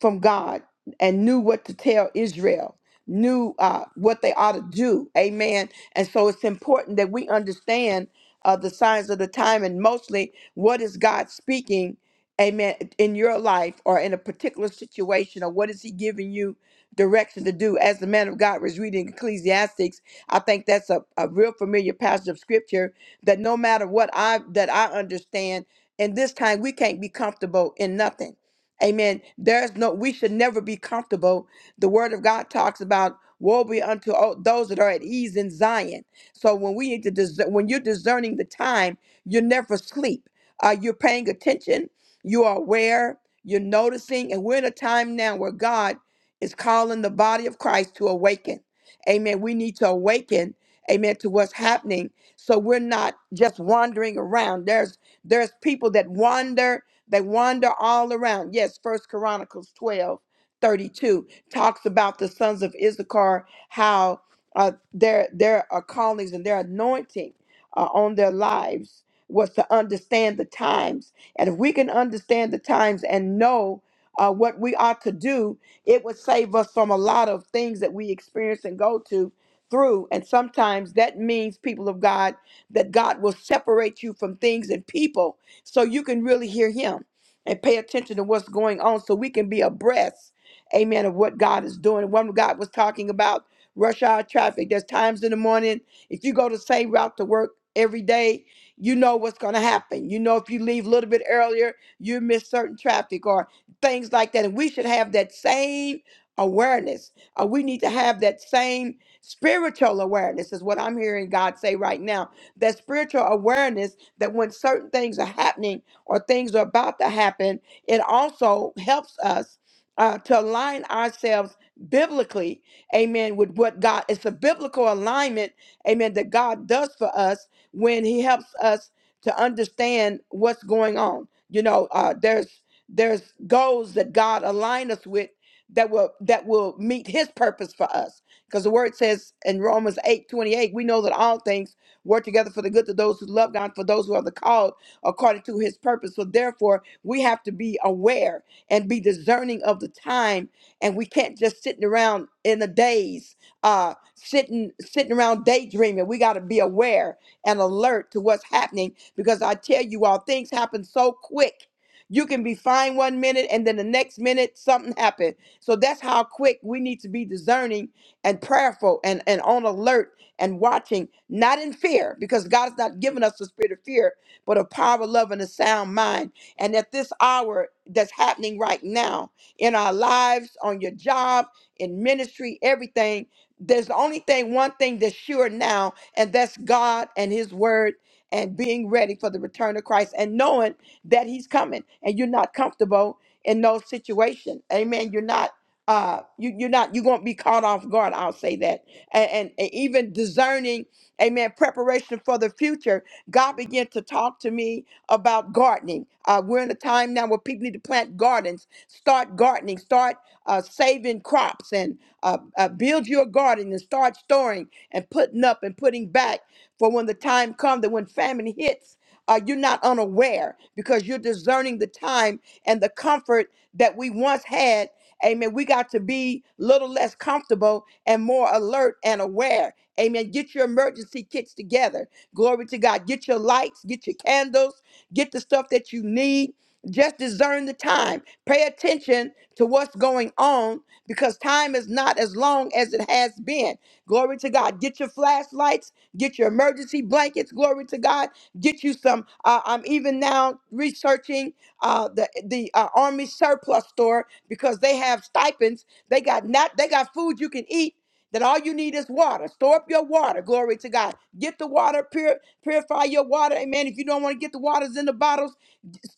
[SPEAKER 1] from God and knew what to tell Israel, knew uh, what they ought to do. Amen. And so it's important that we understand uh, the signs of the time and mostly what is God speaking, amen, in your life or in a particular situation or what is He giving you direction to do. As the man of God was reading Ecclesiastics, I think that's a, a real familiar passage of scripture that no matter what I that I understand and this time we can't be comfortable in nothing. Amen. There's no, we should never be comfortable. The word of God talks about woe be unto all those that are at ease in Zion. So when we need to, dis- when you're discerning the time, you're never asleep. Uh, you're paying attention. You are aware. You're noticing. And we're in a time now where God is calling the body of Christ to awaken. Amen. We need to awaken. Amen. To what's happening. So we're not just wandering around. There's there's people that wander, they wander all around. Yes, First Chronicles 12 32 talks about the sons of Issachar, how uh, their their uh, callings and their anointing uh, on their lives was to understand the times. And if we can understand the times and know uh, what we ought to do, it would save us from a lot of things that we experience and go to through. And sometimes that means people of God that God will separate you from things and people so you can really hear Him and pay attention to what's going on so we can be abreast, amen, of what God is doing. One God was talking about rush hour traffic. There's times in the morning, if you go the same route to work every day, you know what's going to happen. You know, if you leave a little bit earlier, you miss certain traffic or things like that. And we should have that same awareness. Uh, we need to have that same spiritual awareness, is what I'm hearing God say right now that spiritual awareness that when certain things are happening or things are about to happen, it also helps us uh, to align ourselves biblically, amen, with what God, it's a biblical alignment, amen, that God does for us when He helps us to understand what's going on. You know, uh, there's there's goals that God aligned us with that will that will meet His purpose for us, because the Word says in Romans eight twenty eight, we know that all things work together for the good to those who love God, for those who are the called according to his purpose. So therefore, we have to be aware and be discerning of the time. And we can't just sitting around in the days, uh, sitting sitting around daydreaming. We got to be aware and alert to what's happening because I tell you all, things happen so quick. You can be fine one minute and then the next minute something happened. So that's how quick we need to be discerning and prayerful and, and on alert and watching, not in fear, because God has not given us the spirit of fear, but of power, love, and a sound mind. And at this hour that's happening right now in our lives, on your job, in ministry, everything, there's the only thing, one thing that's sure now, and that's God and His Word and being ready for the return of Christ and knowing that He's coming and you're not comfortable in no situation. Amen. You're not uh you, you're not you're going to be caught off guard i'll say that and, and, and even discerning amen preparation for the future god began to talk to me about gardening uh, we're in a time now where people need to plant gardens start gardening start uh, saving crops and uh, uh, build your garden and start storing and putting up and putting back for when the time comes that when famine hits uh, you're not unaware because you're discerning the time and the comfort that we once had Amen. We got to be little less comfortable and more alert and aware. Amen. Get your emergency kits together. Glory to God. Get your lights, get your candles, get the stuff that you need. Just discern the time. Pay attention to what's going on because time is not as long as it has been. Glory to God. Get your flashlights, get your emergency blankets. Glory to God. Get you some. Uh, I'm even now researching uh, the the uh, army surplus store because they have stipends. They got not they got food you can eat. That all you need is water. Store up your water. Glory to God. Get the water. Pur- purify your water. Amen. If you don't want to get the waters in the bottles,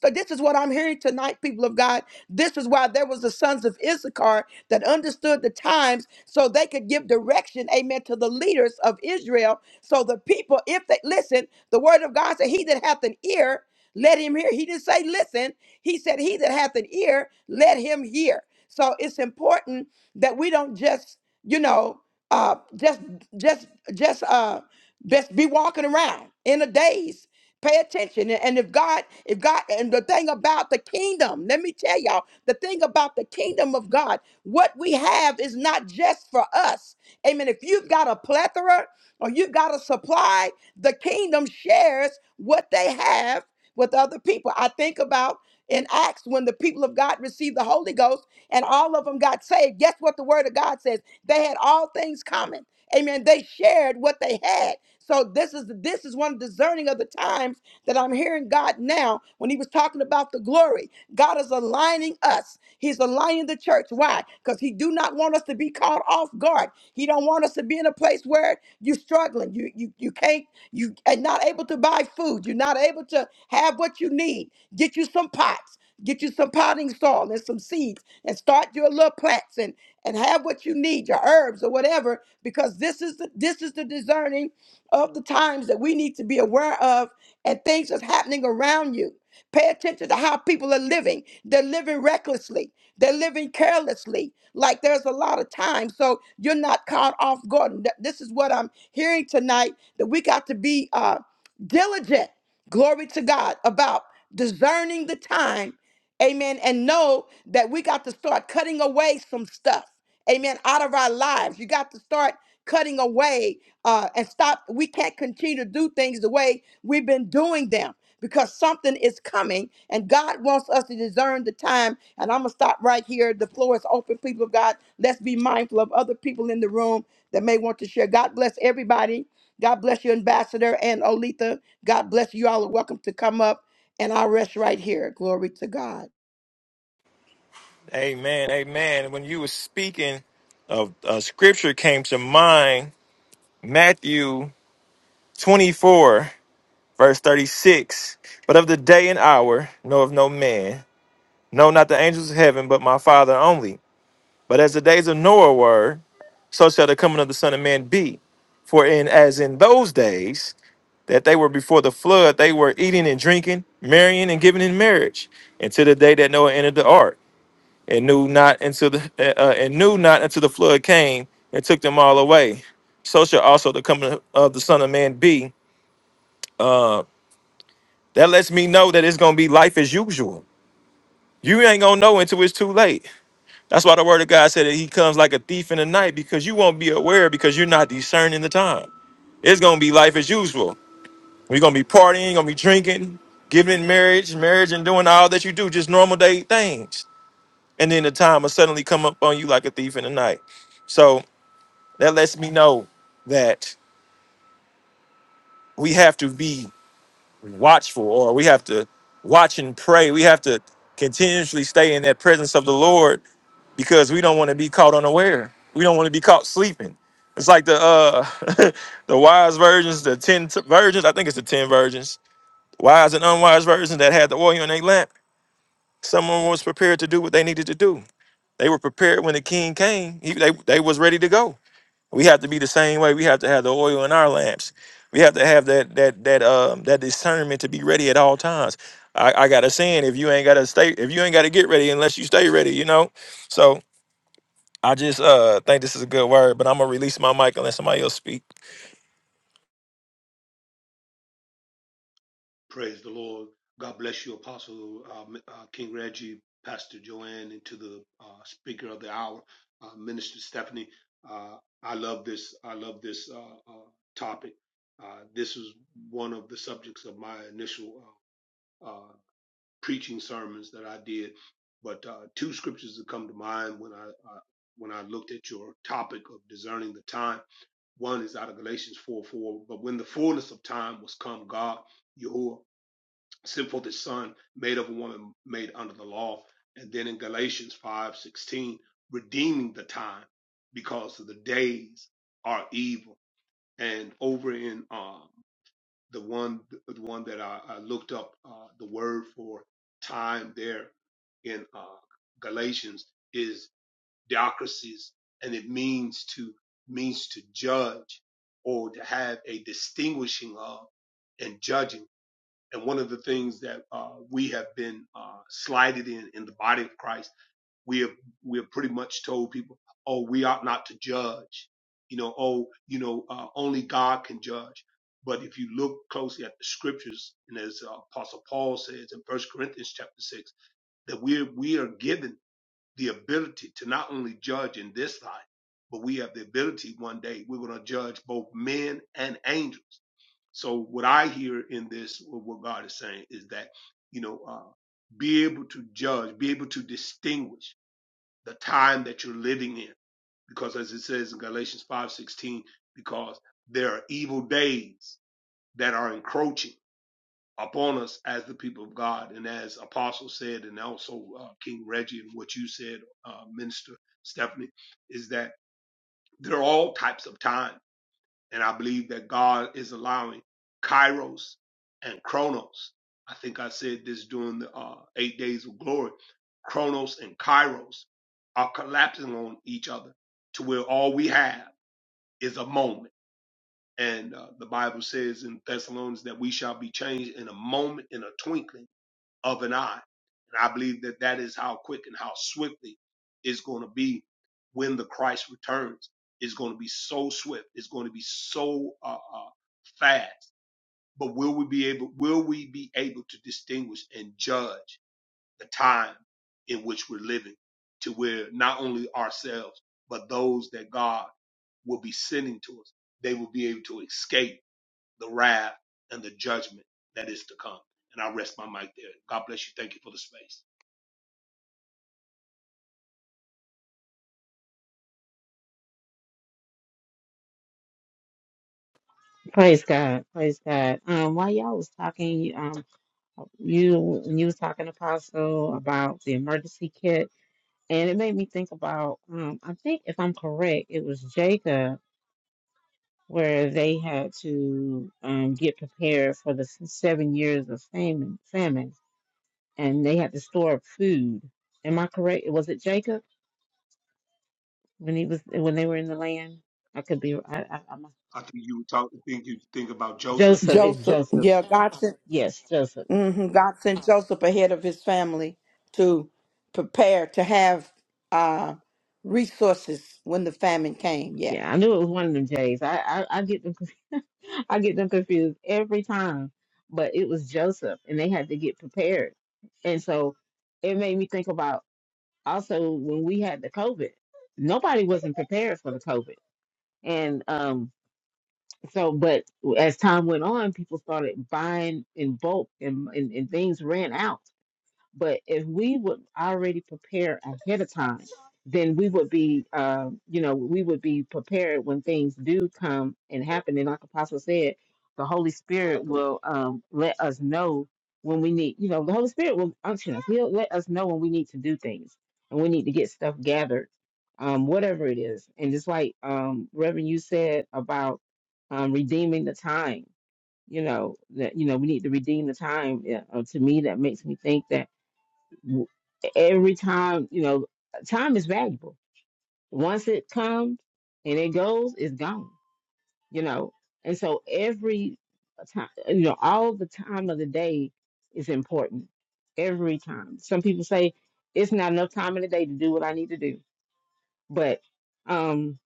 [SPEAKER 1] so this is what I'm hearing tonight, people of God. This is why there was the sons of Issachar that understood the times, so they could give direction. Amen. To the leaders of Israel, so the people, if they listen, the word of God said, "He that hath an ear." Let him hear. He didn't say listen. He said, He that hath an ear, let him hear. So it's important that we don't just, you know, uh just just just uh just be walking around in a daze. Pay attention. And and if God, if God, and the thing about the kingdom, let me tell y'all, the thing about the kingdom of God, what we have is not just for us. Amen. If you've got a plethora or you've got a supply, the kingdom shares what they have with other people. I think about in Acts when the people of God received the Holy Ghost and all of them got saved. Guess what the word of God says? They had all things common. Amen. They shared what they had. So this is this is one discerning of the times that I'm hearing God now when he was talking about the glory. God is aligning us. He's aligning the church. Why? Because he do not want us to be caught off guard. He don't want us to be in a place where you're struggling. You you you can't you are not able to buy food. You're not able to have what you need. Get you some pots. Get you some potting soil and some seeds and start your little plants and, and have what you need, your herbs or whatever, because this is the, this is the discerning of the times that we need to be aware of and things that's happening around you. Pay attention to how people are living. They're living recklessly. They're living carelessly. Like there's a lot of time. So you're not caught off guard. And th- This is what I'm hearing tonight that we got to be uh, diligent, glory to God, about discerning the time, amen, and know that we got to start cutting away some stuff, amen, out of our lives. You got to start cutting away uh, and stop. We can't continue to do things the way we've been doing them because something is coming and God wants us to discern the time. And I'm going to stop right here. The floor is open, people of God. Let's be mindful of other people in the room that may want to share. God bless everybody God bless you, Ambassador and Olitha. God bless you all. and Welcome to come up. And I'll rest right here. Glory to God.
[SPEAKER 2] Amen, amen. When you were speaking of uh, scripture came to mind, Matthew 24, verse 36. But of the day and hour knoweth no man, no not the angels of heaven, but my father only. But as the days of Noah were, so shall the coming of the Son of Man be. For in as in those days that they were before the flood, they were eating and drinking, marrying and giving in marriage, until the day that Noah entered the ark, and knew not until the uh, uh, and knew not until the flood came and took them all away. So shall also the coming of the Son of Man be. That lets me know that it's gonna be life as usual. You ain't gonna know until it's too late. That's why the word of God said that he comes like a thief in the night because you won't be aware because you're not discerning the time. It's gonna be life as usual. We're gonna be partying, gonna be drinking, giving in marriage, marriage and doing all that you do, just normal day things. And then the time will suddenly come up on you like a thief in the night. So that lets me know that we have to be watchful or we have to watch and pray. We have to continuously stay in that presence of the Lord because we don't want to be caught unaware. We don't want to be caught sleeping. It's like the uh (laughs) the wise virgins, the ten t- virgins. I think it's the ten virgins, wise and unwise virgins that had the oil in their lamp. Someone was prepared to do what they needed to do. They were prepared when the king came. He, they they was ready to go. We have to be the same way. We have to have the oil in our lamps. We have to have that that that um that discernment to be ready at all times. I, I got a saying: if you ain't got to stay, if you ain't got to get ready unless you stay ready, you know. So I just uh think this is a good word, but I'm gonna release my mic and let somebody else speak.
[SPEAKER 4] Praise the Lord. God bless you, Apostle uh, uh, King Reggie, Pastor Joanne, and to the uh, speaker of the hour, uh, Minister Stephanie. Uh, I love this. I love this uh, uh, topic. Uh, this is one of the subjects of my initial uh, uh, preaching sermons that I did. But uh, two scriptures that come to mind when I uh, when I looked at your topic of discerning the time. One is out of Galatians 4 4. But when the fullness of time was come, God, Yahuwah sent forth his son, made of a woman made under the law. And then in Galatians five sixteen, redeeming the time because of the days are evil. And over in um, the one the one that I, I looked up uh, the word for time there in uh, Galatians is diocracies, and it means to means to judge or to have a distinguishing of and judging and one of the things that uh, we have been uh, slighted in in the body of Christ, we have we have pretty much told people, oh, we ought not to judge. You know, oh, you know, uh, only God can judge. But if you look closely at the scriptures, and as uh, Apostle Paul says in First Corinthians chapter six, that we we are given the ability to not only judge in this life, but we have the ability one day we're going to judge both men and angels so what I hear in this, what God is saying, is that you know, uh, be able to judge, be able to distinguish the time that you're living in, because as it says in Galatians five sixteen, because there are evil days that are encroaching upon us as the people of God, and as Apostle said, and also uh, King Reggie, and what you said, uh, Minister Stephanie, is that there are all types of times and I believe that God is allowing Kairos and Chronos. I think I said this during the uh, eight days of glory. Chronos and Kairos are collapsing on each other to where all we have is a moment. And uh, the Bible says in Thessalonians that we shall be changed in a moment, in a twinkling of an eye. And I believe that that is how quick and how swiftly it's going to be when the Christ returns. It's going to be so swift. It's going to be so uh, uh, fast. But will we be able? Will we be able to distinguish and judge the time in which we're living, to where not only ourselves but those that God will be sending to us, they will be able to escape the wrath and the judgment that is to come. And I rest my mic there. God bless you. Thank you for the space.
[SPEAKER 3] Praise God. Praise God. Um, while y'all was talking, um, you when you was talking, Apostle, about the emergency kit. And it made me think about, um, I think if I'm correct, it was Jacob where they had to um, get prepared for the s- seven years of famine, famine, and they had to store up food. Am I correct? Was it Jacob when he was when they were in the land? I could be. I, I, I'm
[SPEAKER 4] I think you were talking. Think you think about Joseph.
[SPEAKER 3] Joseph. It's
[SPEAKER 1] Joseph,
[SPEAKER 3] Joseph.
[SPEAKER 1] yeah, God sent,
[SPEAKER 3] Yes, Joseph.
[SPEAKER 1] mhm, God sent Joseph ahead of his family to prepare to have uh, resources when the famine came. Yeah.
[SPEAKER 3] Yeah, I knew it was one of them J's. I I, I get them I get them confused every time. But it was Joseph, and they had to get prepared. And so it made me think about also when we had the COVID, nobody wasn't prepared for the COVID. And um, so, but as time went on, people started buying in bulk, and, and, and things ran out. But if we would already prepare ahead of time, then we would be, uh, you know, we would be prepared when things do come and happen. And like Apostle said, the Holy Spirit will um, let us know when we need, you know, the Holy Spirit will unction us. He'll let us know when we need to do things and we need to get stuff gathered, um, whatever it is. And just like um, Reverend, you said about um, redeeming the time, you know, that, you know, we need to redeem the time. Yeah, uh, to me, that makes me think that w- every time, you know, time is valuable. Once it comes and it goes, it's gone, you know. And so every time, you know, all the time of the day is important. Every time. Some people say it's not enough time in the day to do what I need to do. But um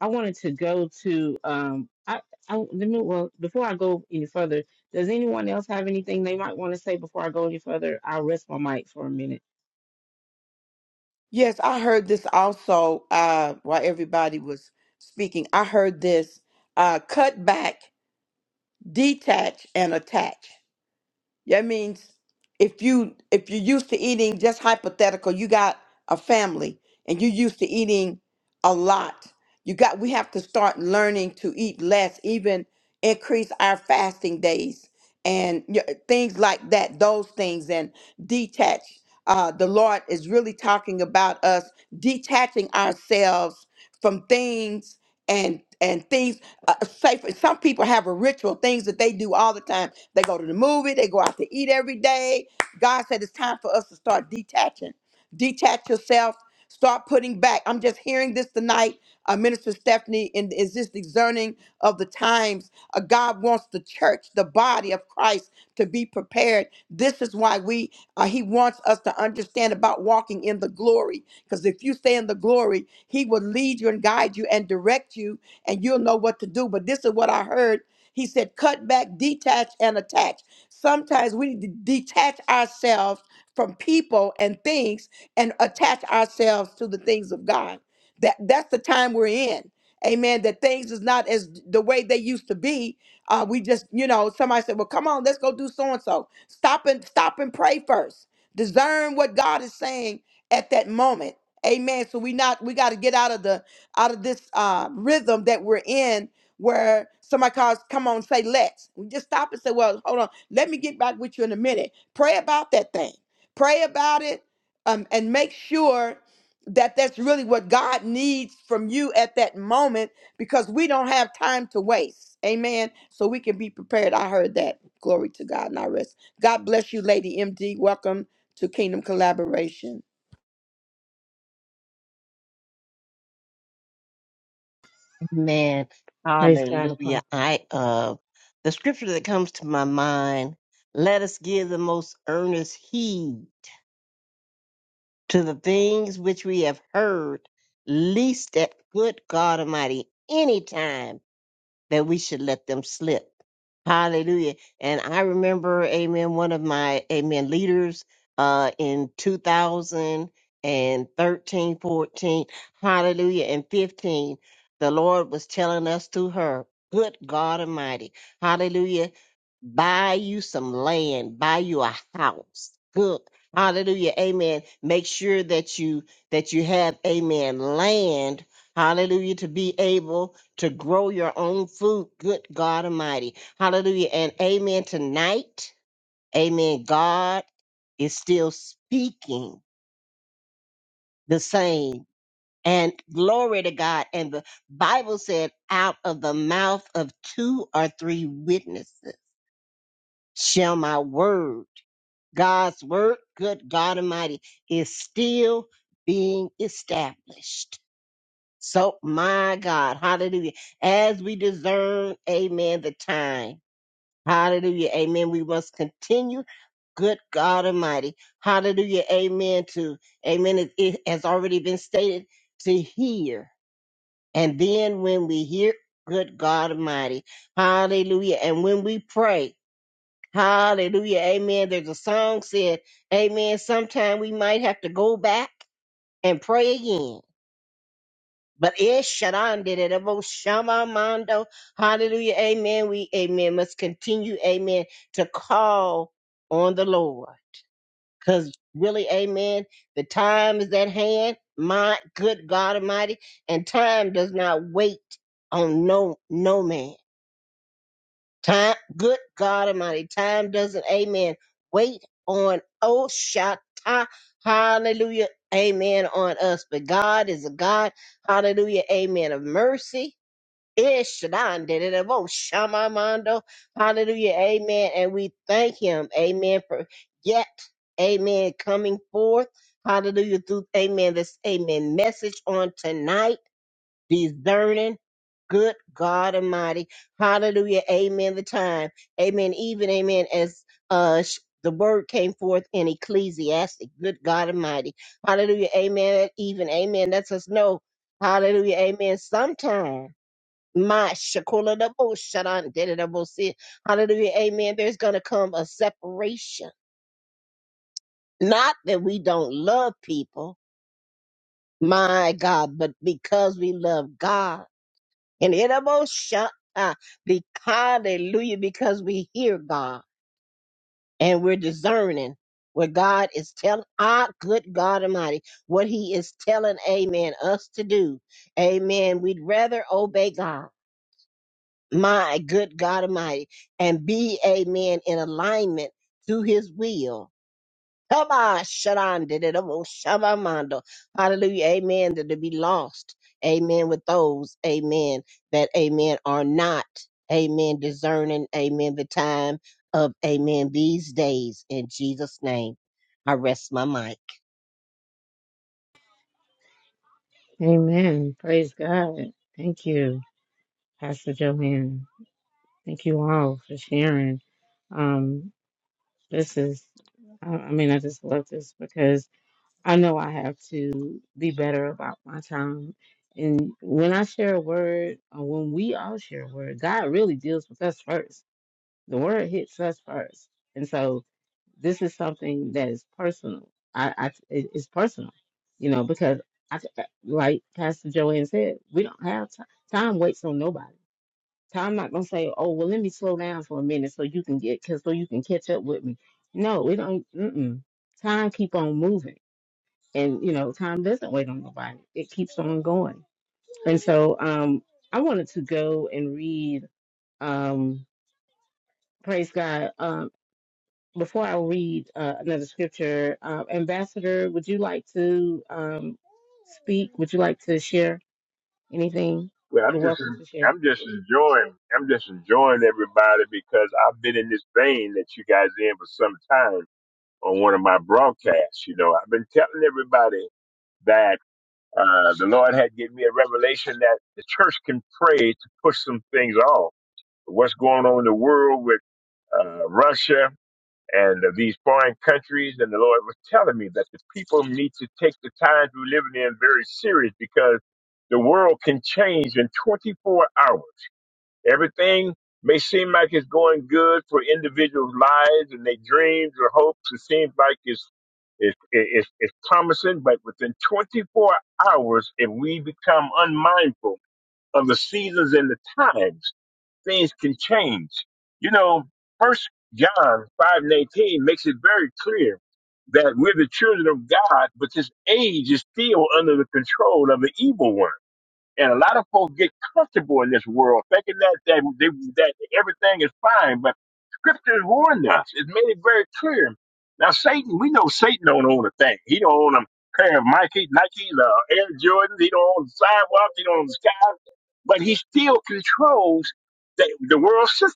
[SPEAKER 3] I wanted to go to um I, I let me well before I go any further, does anyone else have anything they might want to say before I go any further? I'll rest my mic for a minute.
[SPEAKER 1] Yes, I heard this also uh, while everybody was speaking. I heard this uh, cut back, detach, and attach. That means if you if you're used to eating just hypothetical, you got a family and you're used to eating a lot. You got we have to start learning to eat less, even increase our fasting days and y- things like that, those things and detach. Uh, the Lord is really talking about us detaching ourselves from things and and things uh, say for some people have a ritual things that they do all the time they go to the movie they go out to eat every day god said it's time for us to start detaching detach yourself start putting back i'm just hearing this tonight uh, minister stephanie and is this discerning of the times uh, god wants the church the body of christ to be prepared this is why we uh, he wants us to understand about walking in the glory because if you stay in the glory he will lead you and guide you and direct you and you'll know what to do. But this is what I heard. He said, cut back, detach, and attach. Sometimes we need to detach ourselves from people and things and attach ourselves to the things of God. That that's the time we're in. Amen. That things is not as the way they used to be. Uh, we just, you know, somebody said, Well, come on, let's go do so and so. Stop and stop and pray first. Discern what God is saying at that moment. Amen. So we not we got to get out of the out of this uh, rhythm that we're in where somebody calls, come on, say let's. We just stop and say, well, hold on, let me get back with you in a minute. Pray about that thing. Pray about it um, and make sure that that's really what God needs from you at that moment because we don't have time to waste. Amen. So we can be prepared. I heard that. Glory to God and I rest. God bless you, Lady MD. Welcome to Kingdom Collaboration.
[SPEAKER 5] Man,
[SPEAKER 3] Praise God,
[SPEAKER 5] hallelujah.
[SPEAKER 3] Apostle.
[SPEAKER 5] I uh the scripture that comes to my mind, let us give the most earnest heed to the things which we have heard, least that good God Almighty anytime that we should let them slip. Hallelujah. And I remember, amen, one of my, amen, leaders uh, in two thousand and thirteen, fourteen, hallelujah, and 15, the Lord was telling us through her, good God Almighty, hallelujah, buy you some land, buy you a house. Good. Hallelujah. Amen. Make sure that you that you have amen land Hallelujah. To be able to grow your own food. Good God Almighty. Hallelujah. And amen tonight. Amen. God is still speaking the same. And glory to God. And the Bible said, out of the mouth of two or three witnesses shall my word, God's word, good God Almighty, is still being established. So, my God, hallelujah. As we discern, amen, the time, hallelujah, amen, we must continue. Good God Almighty, hallelujah, amen, to, amen, it, it has already been stated, to hear. And then when we hear, good God Almighty, hallelujah, and when we pray, hallelujah, amen, there's a song said, amen, sometime we might have to go back and pray again. But is Sharon did it. Evo Shama Mondo. Hallelujah. Amen. We amen. Must continue, amen, to call on the Lord. Cause really, amen, the time is at hand. My good God Almighty. And time does not wait on no no man. Time good God Almighty. Time doesn't, amen, wait on oh Shatta. Hallelujah. Amen on us. But God is a God, hallelujah, amen, of mercy. Ishnandidabo shamamando. Hallelujah. Amen. And we thank him. Amen. For yet, amen, coming forth. Hallelujah. Through, amen, this, amen, message on tonight, discerning. Good God Almighty. Hallelujah. Amen. The time. Amen. Even, amen, as, uh, sh- the word came forth in Ecclesiastic. Good God Almighty. Hallelujah. Amen. Even, amen. Lets us know. Hallelujah. Amen. Sometime my shakula da bo shadan did it da bo si. Hallelujah. Amen. There's going to come a separation. Not that we don't love people, my God, but because we love God. And it da bo sha- ah, hallelujah, because we hear God and we're discerning what God is telling our good God Almighty, what He is telling, amen, us to do. Amen. We'd rather obey God my good God Almighty, and be a man in alignment to his will. Come on, Shaddai, did it, oh, Shabamando. Hallelujah. Amen. That to be lost. Amen. With those, amen, that amen are not, amen, discerning, amen, the time of amen these days. In Jesus' name, I rest my mic.
[SPEAKER 3] Amen. Praise God. Thank you, Pastor Joanne. Thank you all for sharing. Um, this is, I, I mean, I just love this because I know I have to be better about my time. And when I share a word, or when we all share a word, God really deals with us first. The word hits us first. And so this is something that is personal. I, I it- it's personal, you know, because I, like Pastor Joanne said, we don't have time. Time waits on nobody. Time not gonna say, oh well, let me slow down for a minute so you can get, cause so you can catch up with me. No, we don't. Mm-mm. Time keep on moving, and you know, time doesn't wait on nobody. It keeps on going. And so, um, I wanted to go and read, um, praise God. Um, before I read uh, another scripture, uh, Ambassador, would you like to um, speak? Would you like to share anything?
[SPEAKER 6] Well,
[SPEAKER 3] You're
[SPEAKER 6] I'm just
[SPEAKER 3] welcome to share.
[SPEAKER 6] I'm just enjoying I'm just enjoying everybody because I've been in this vein that you guys in for some time on one of my broadcasts. You know, I've been telling everybody that uh, the Lord had given me a revelation that the church can pray to push some things off. What's going on in the world with uh, Russia and these foreign countries, and the Lord was telling me that the people need to take the times we're living in very serious because the world can change in 24 hours Everything may seem like it's going good for individuals' lives and their dreams or hopes. It seems like it's it's, it's, it's promising, but within 24 hours, if we become unmindful of the seasons and the times, things can change. You know, First John 5 and 18 makes it very clear that we're the children of God, but this age is still under the control of the evil one. And a lot of folks get comfortable in this world, thinking that that, they, that everything is fine. But Scripture has warned us; it's made it very clear. Now, Satan, we know Satan don't own a thing. He don't own a pair of Mikey, Nike, uh, Air Jordans. He don't own the sidewalks. He don't own the sky. But he still controls the, the world system.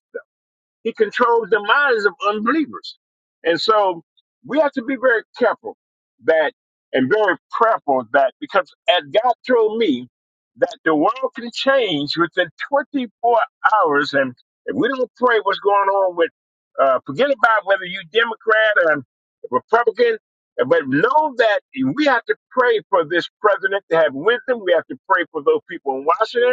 [SPEAKER 6] He controls the minds of unbelievers. And so we have to be very careful that and very prayerful that because as God told me that the world can change within 24 hours. And if we don't pray what's going on with, uh, forget about whether you Democrat or Republican, but know that we have to pray for this president to have wisdom. We have to pray for those people in Washington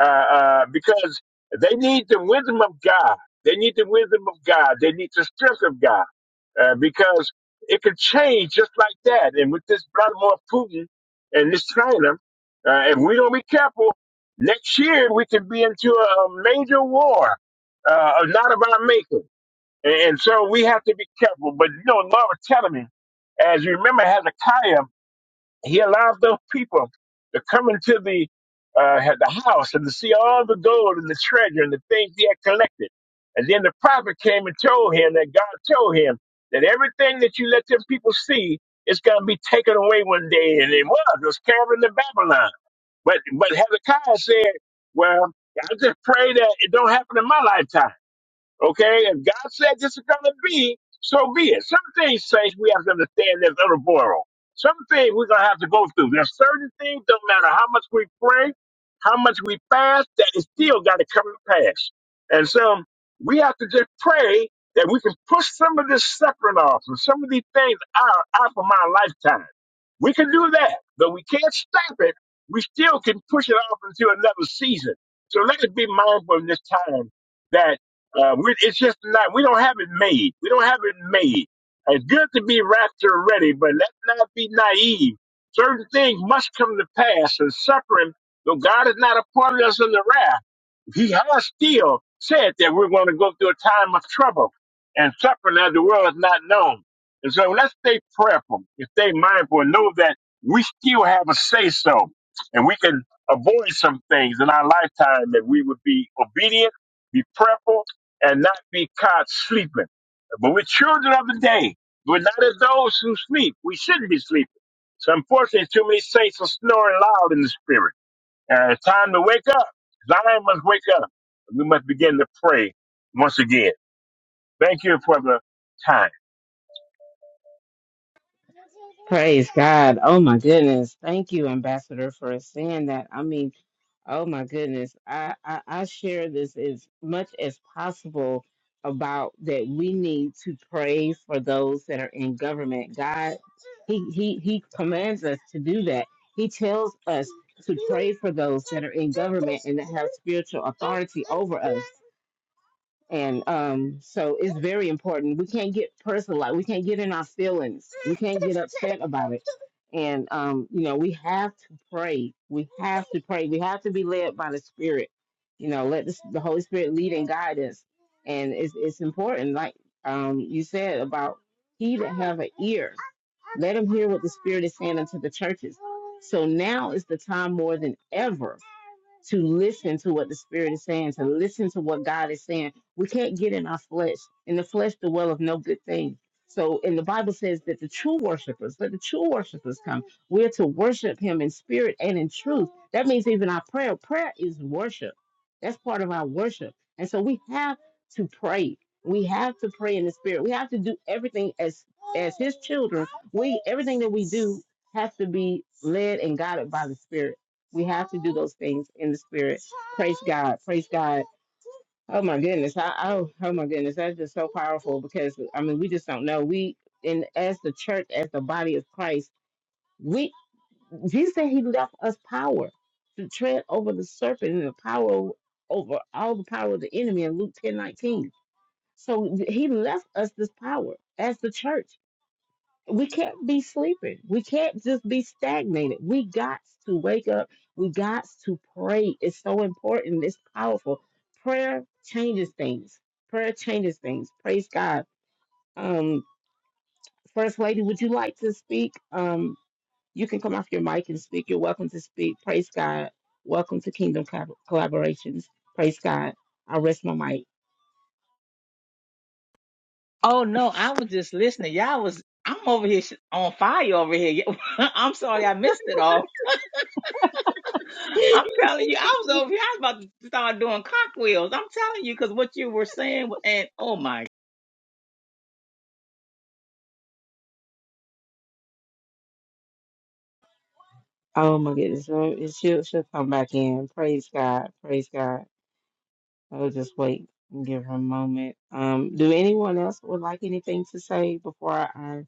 [SPEAKER 6] uh, uh, because they need the wisdom of God. They need the wisdom of God. They need the strength of God uh, because it could change just like that. And with this Vladimir Putin and this China, uh, if we don't be careful, next year we can be into a major war, uh, not of our making. And, and so we have to be careful. But you know, Laura telling me, as you remember, Hezekiah. He allowed those people to come into the uh, the house and to see all the gold and the treasure and the things he had collected. And then the prophet came and told him that God told him that everything that you let them people see is going to be taken away one day. And it was, it was carried to Babylon. But, but Hezekiah said, well, I just pray that it don't happen in my lifetime. Okay, if God said this is gonna be, so be it. Some things, saints, we have to understand there's other world. Some things we're gonna have to go through. There's certain things, don't matter how much we pray, how much we fast, that is still gotta come to pass. And so we have to just pray that we can push some of this suffering off and some of these things out, out from our lifetime. We can do that, but we can't stop it. We still can push it off into another season. So let us be mindful in this time that uh, we, it's just not, we don't have it made. We don't have it made. It's good to be rapture ready, but let's not be naive. Certain things must come to pass and suffering, though God is not appointed us in the wrath. He has still said that we're going to go through a time of trouble and suffering as the world is not known. And so let's stay prayerful and stay mindful and know that we still have a say so and we can avoid some things in our lifetime if we would be obedient, be prayerful, and not be caught sleeping. But we're children of the day. We're not as those who sleep. We shouldn't be sleeping. So unfortunately, too many saints are snoring loud in the spirit. Uh, it's time to wake up. Zion must wake up. We must begin to pray once again. Thank you for the time.
[SPEAKER 3] Praise God. Oh my goodness. Thank you, Ambassador, for saying that. I mean, Oh my goodness. I, I, I share this as much as possible about that we need to pray for those that are in government. God, he, he, he commands us to do that. He tells us to pray for those that are in government and that have spiritual authority over us. And um, so it's very important. We can't get personal. Like we can't get in our feelings. We can't get upset about it and um, you know, we have to pray. We have to pray. We have to be led by the Spirit. You know, let this, the Holy Spirit lead and guide us and it's it's important, like um you said about he that have an ear, let him hear what the Spirit is saying unto the churches. So now is the time more than ever to listen to what the Spirit is saying, to listen to what God is saying. We can't get in our flesh. In the flesh, the well of no good thing. So, and the Bible says that the true worshipers, let the true worshipers come. We're to worship Him in spirit and in truth. That means even our prayer. Prayer is worship. That's part of our worship. And so we have to pray. We have to pray in the spirit. We have to do everything as as his children. We everything that we do has to be led and guided by the spirit. We have to do those things in the spirit. Praise God. Praise God. Oh my goodness. I, oh, oh my goodness. That's just so powerful because I mean we just don't know. We and as the church, as the body of Christ, we Jesus said he left us power to tread over the serpent and the power over all the power of the enemy in Luke ten nineteen. So th- he left us this power as the church. We can't be sleeping. We can't just be stagnated. We got to wake up. We got to pray. It's so important. It's powerful. Prayer changes things. Prayer changes things. Praise God. Um, First Lady, would you like to speak? Um, you can come off your mic and speak. You're welcome to speak. Praise God. Welcome to Kingdom Collab- Collaborations. Praise God. I rest my mic.
[SPEAKER 7] Oh no, I was just listening. Y'all was I'm over here sh- on fire over here. (laughs) I'm sorry I missed it all.
[SPEAKER 3] (laughs)
[SPEAKER 7] I'm telling you, I was over here. I was about to start doing cock wheels. I'm telling you because what you were saying and oh my
[SPEAKER 3] Oh my goodness. Well, it- She'll, she'll come back in. Praise God. Praise God. I'll just wait and give her a moment. Um, do anyone else would like anything to say before I, I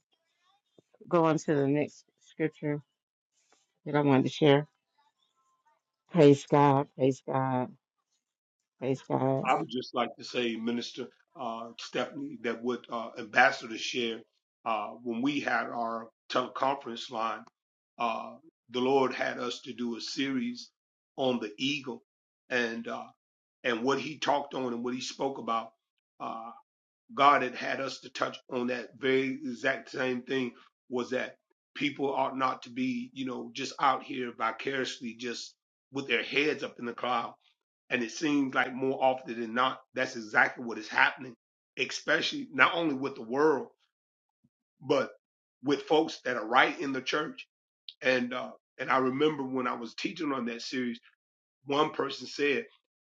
[SPEAKER 3] go on to the next scripture that I wanted to share? Praise God. Praise God. Praise God.
[SPEAKER 4] I would just like to say, Minister uh, Stephanie, that what uh, Ambassador shared uh, when we had our teleconference line uh, the Lord had us to do a series on the eagle and uh, and what he talked on and what he spoke about. Uh, God had had us to touch on that very exact same thing was that people ought not to be, you know, just out here vicariously just with their heads up in the cloud. And it seems like more often than not, that's exactly what is happening, especially not only with the world, but with folks that are right in the church. And, uh, and I remember when I was teaching on that series, one person said,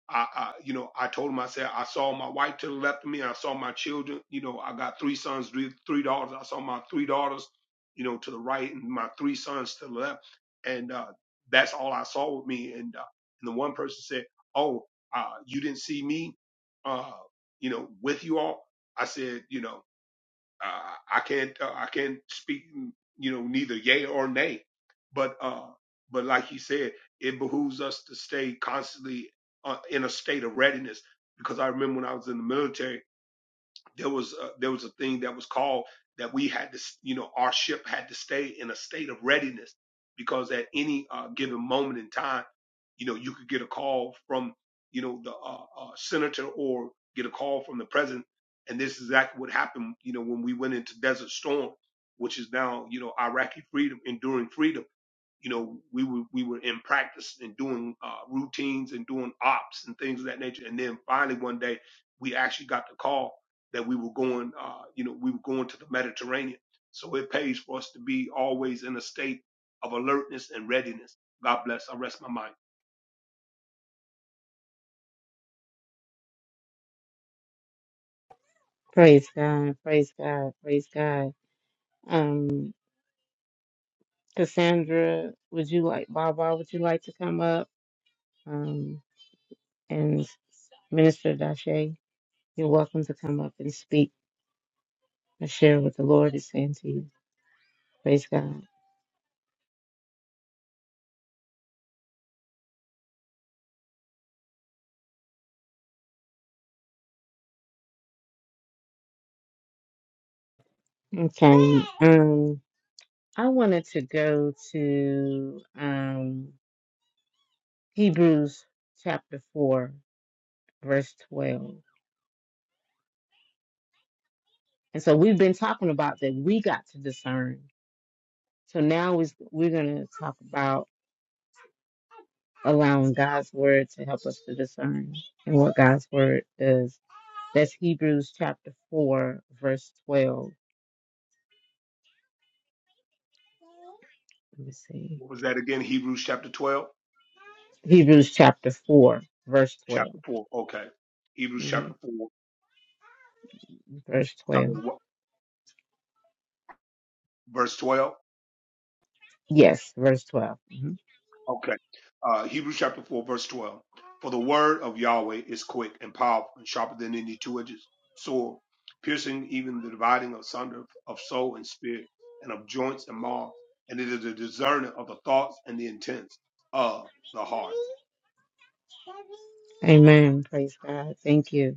[SPEAKER 4] I, I, you know, I told him, I said, I saw my wife to the left of me. I saw my children. You know, I got three sons, three, three daughters. I saw my three daughters, you know, to the right and my three sons to the left. And, uh, that's all I saw with me. And, uh, and the one person said, Oh, uh, you didn't see me, uh, you know, with you all. I said, you know, uh, I can't uh, I can't speak you know neither yay or nay, but uh, but like he said, it behooves us to stay constantly uh, in a state of readiness because I remember when I was in the military there was a, there was a thing that was called that we had to you know our ship had to stay in a state of readiness because at any uh, given moment in time you know you could get a call from you know the uh, uh, senator or get a call from the president and this is exactly what happened you know when we went into desert storm which is now you know iraqi freedom enduring freedom you know, we were we were in practice and doing uh, routines and doing ops and things of that nature. And then finally one day we actually got the call that we were going, uh, you know, we were going to the Mediterranean. So it pays for us to be always in a state of alertness and readiness. God bless. I rest my mind.
[SPEAKER 3] Praise God. Praise God. Praise God. Um, Cassandra, would you like, Baba, would you like to come up? Um, and Minister Dashe, you're welcome to come up and speak. I share what the Lord is saying to you. Praise God. Okay. Um, I wanted to go to um Hebrews chapter four, verse twelve. And so we've been talking about that we got to discern. So now is we're gonna talk about allowing God's word to help us to discern and what God's word does. That's Hebrews chapter four, verse twelve. Let me see.
[SPEAKER 4] What was that again? Hebrews chapter twelve,
[SPEAKER 3] Hebrews chapter four, verse 12
[SPEAKER 4] chapter four. Okay, Hebrews
[SPEAKER 3] Mm-hmm.
[SPEAKER 4] chapter four,
[SPEAKER 3] verse
[SPEAKER 4] starting
[SPEAKER 3] 12.
[SPEAKER 4] at what verse twelve.
[SPEAKER 3] Yes, verse 12. Mhm.
[SPEAKER 4] Okay. Uh, Hebrews chapter 4, verse 12. For the word of Yahweh is quick and powerful and sharper than any two edged sword, piercing even the dividing asunder of soul and spirit and of joints and marrow. And it is a discerner of the thoughts and the intents of the heart.
[SPEAKER 3] Amen. Praise God. Thank you.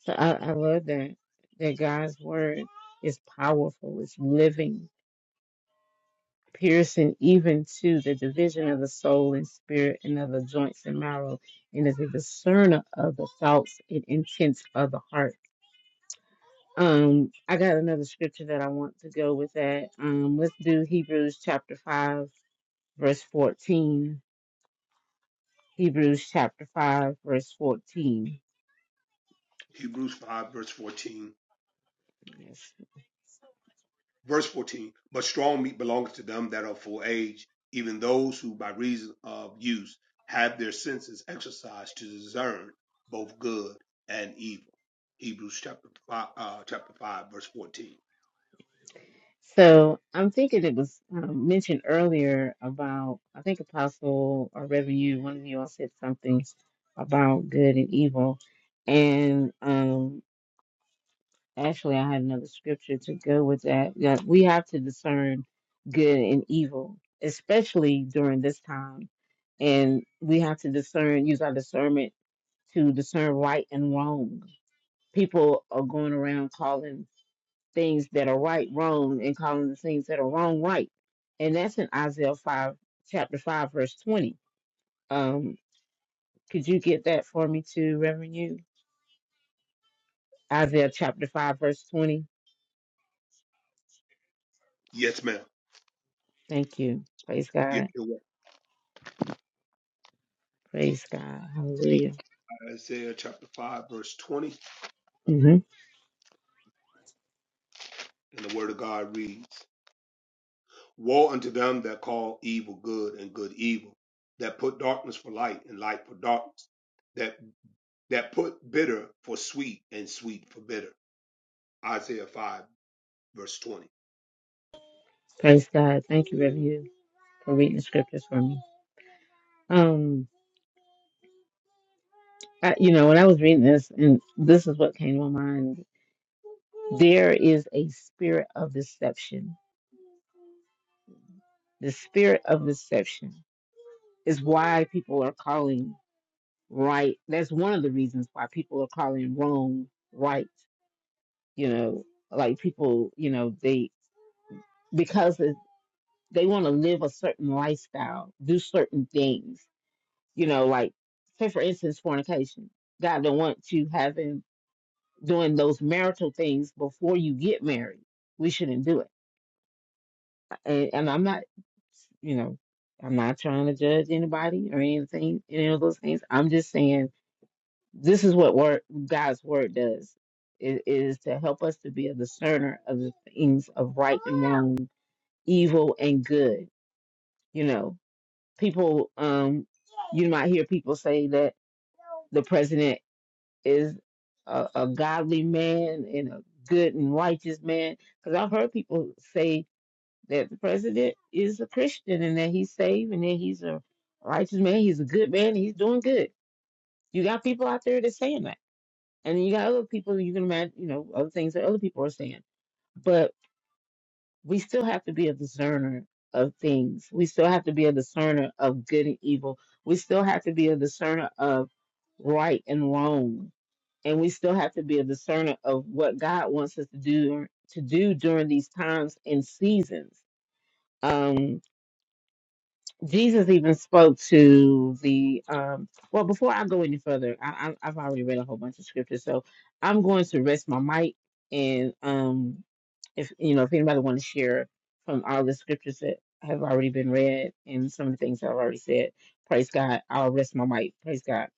[SPEAKER 3] So I, I love that. That God's word is powerful, it's living, piercing even to the division of the soul and spirit and of the joints and marrow, and is a discerner of the thoughts and intents of the heart. Um, I got another scripture that I want to go with that. Um, let's do Hebrews chapter 5, verse 14. Hebrews chapter 5, verse 14.
[SPEAKER 4] Hebrews 5, verse 14.
[SPEAKER 3] Yes.
[SPEAKER 4] Verse 14, but strong meat belongeth to them that are full age, even those who by reason of use have their senses exercised to discern both good and evil. Hebrews chapter 5, uh, chapter 5 verse 14.
[SPEAKER 3] So I'm thinking it was um, mentioned earlier about, I think Apostle or Reverend, you, one of you all said something about good and evil. And um, actually, I had another scripture to go with that. that we have to discern good and evil, especially during this time. And we have to discern, use our discernment to discern right and wrong people are going around calling things that are right wrong and calling the things that are wrong right. And that's in Isaiah 5, chapter 5, verse 20. Um, could you get that for me too, Reverend You? Isaiah chapter 5, verse 20.
[SPEAKER 4] Yes, ma'am.
[SPEAKER 3] Thank you. Praise
[SPEAKER 4] Yes,
[SPEAKER 3] God.
[SPEAKER 4] it was
[SPEAKER 3] Praise God. Hallelujah.
[SPEAKER 4] Isaiah chapter 5, verse 20,
[SPEAKER 3] hmm
[SPEAKER 4] and the word of God reads, Woe unto them that call evil good and good evil, that put darkness for light and light for darkness, that, that put bitter for sweet and sweet for bitter. Isaiah 5, verse 20.
[SPEAKER 3] Praise God. Thank you, Reverend You, for reading the scriptures for me. Um, I, you know, when I was reading this, and this is what came to my mind there is a spirit of deception. The spirit of deception. is why people are calling right. That's one of the reasons why people are calling Rome right. You know, like people, you know, they because it- they want to live a certain lifestyle, do certain things. You know, like say for instance, fornication. God don't want you having doing those marital things before you get married. We shouldn't do it. And, and I'm not, you know, I'm not trying to judge anybody or anything, any of those things. I'm just saying This is what word, God's word does. It it is to help us to be a discerner of the things of right and wrong, evil and good. You know, people, um, you might hear people say that the president is a, a godly man and a good and righteous man. Because I've heard people say that the president is a Christian and that he's saved and that he's a righteous man, he's a good man, he's doing good. You got people out there that's saying that And you got other people you can imagine, you know, other things that other people are saying. But we still have to be a discerner of things. We still have to be a discerner of good and evil. We still have to be a discerner of right and wrong. And we still have to be a discerner of what God wants us to do to do during these times and seasons. Um, Jesus even spoke to the um well before I go any further, I, I I've already read a whole bunch of scriptures, so I'm going to rest my mic and um if you know if anybody want to share from all the scriptures that have already been read and some of the things I've already said, praise God. I'll rest my mic. Praise God.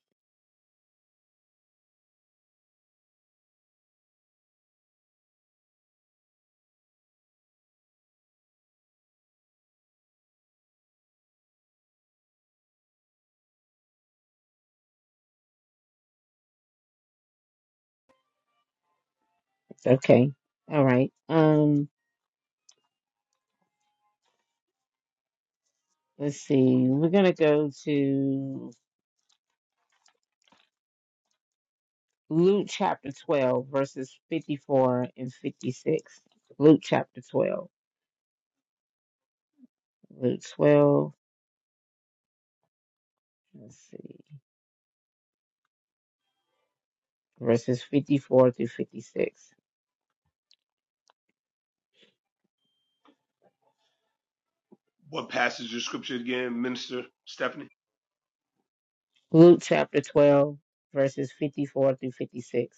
[SPEAKER 3] It's okay. All right. Um let's see. We're gonna go to Luke chapter twelve, verses fifty four and fifty six. Luke chapter twelve. Luke 12, let's see, verses 54 through 56.
[SPEAKER 4] What passage of scripture again, Minister Stephanie?
[SPEAKER 3] Luke chapter 12, verses 54 through 56.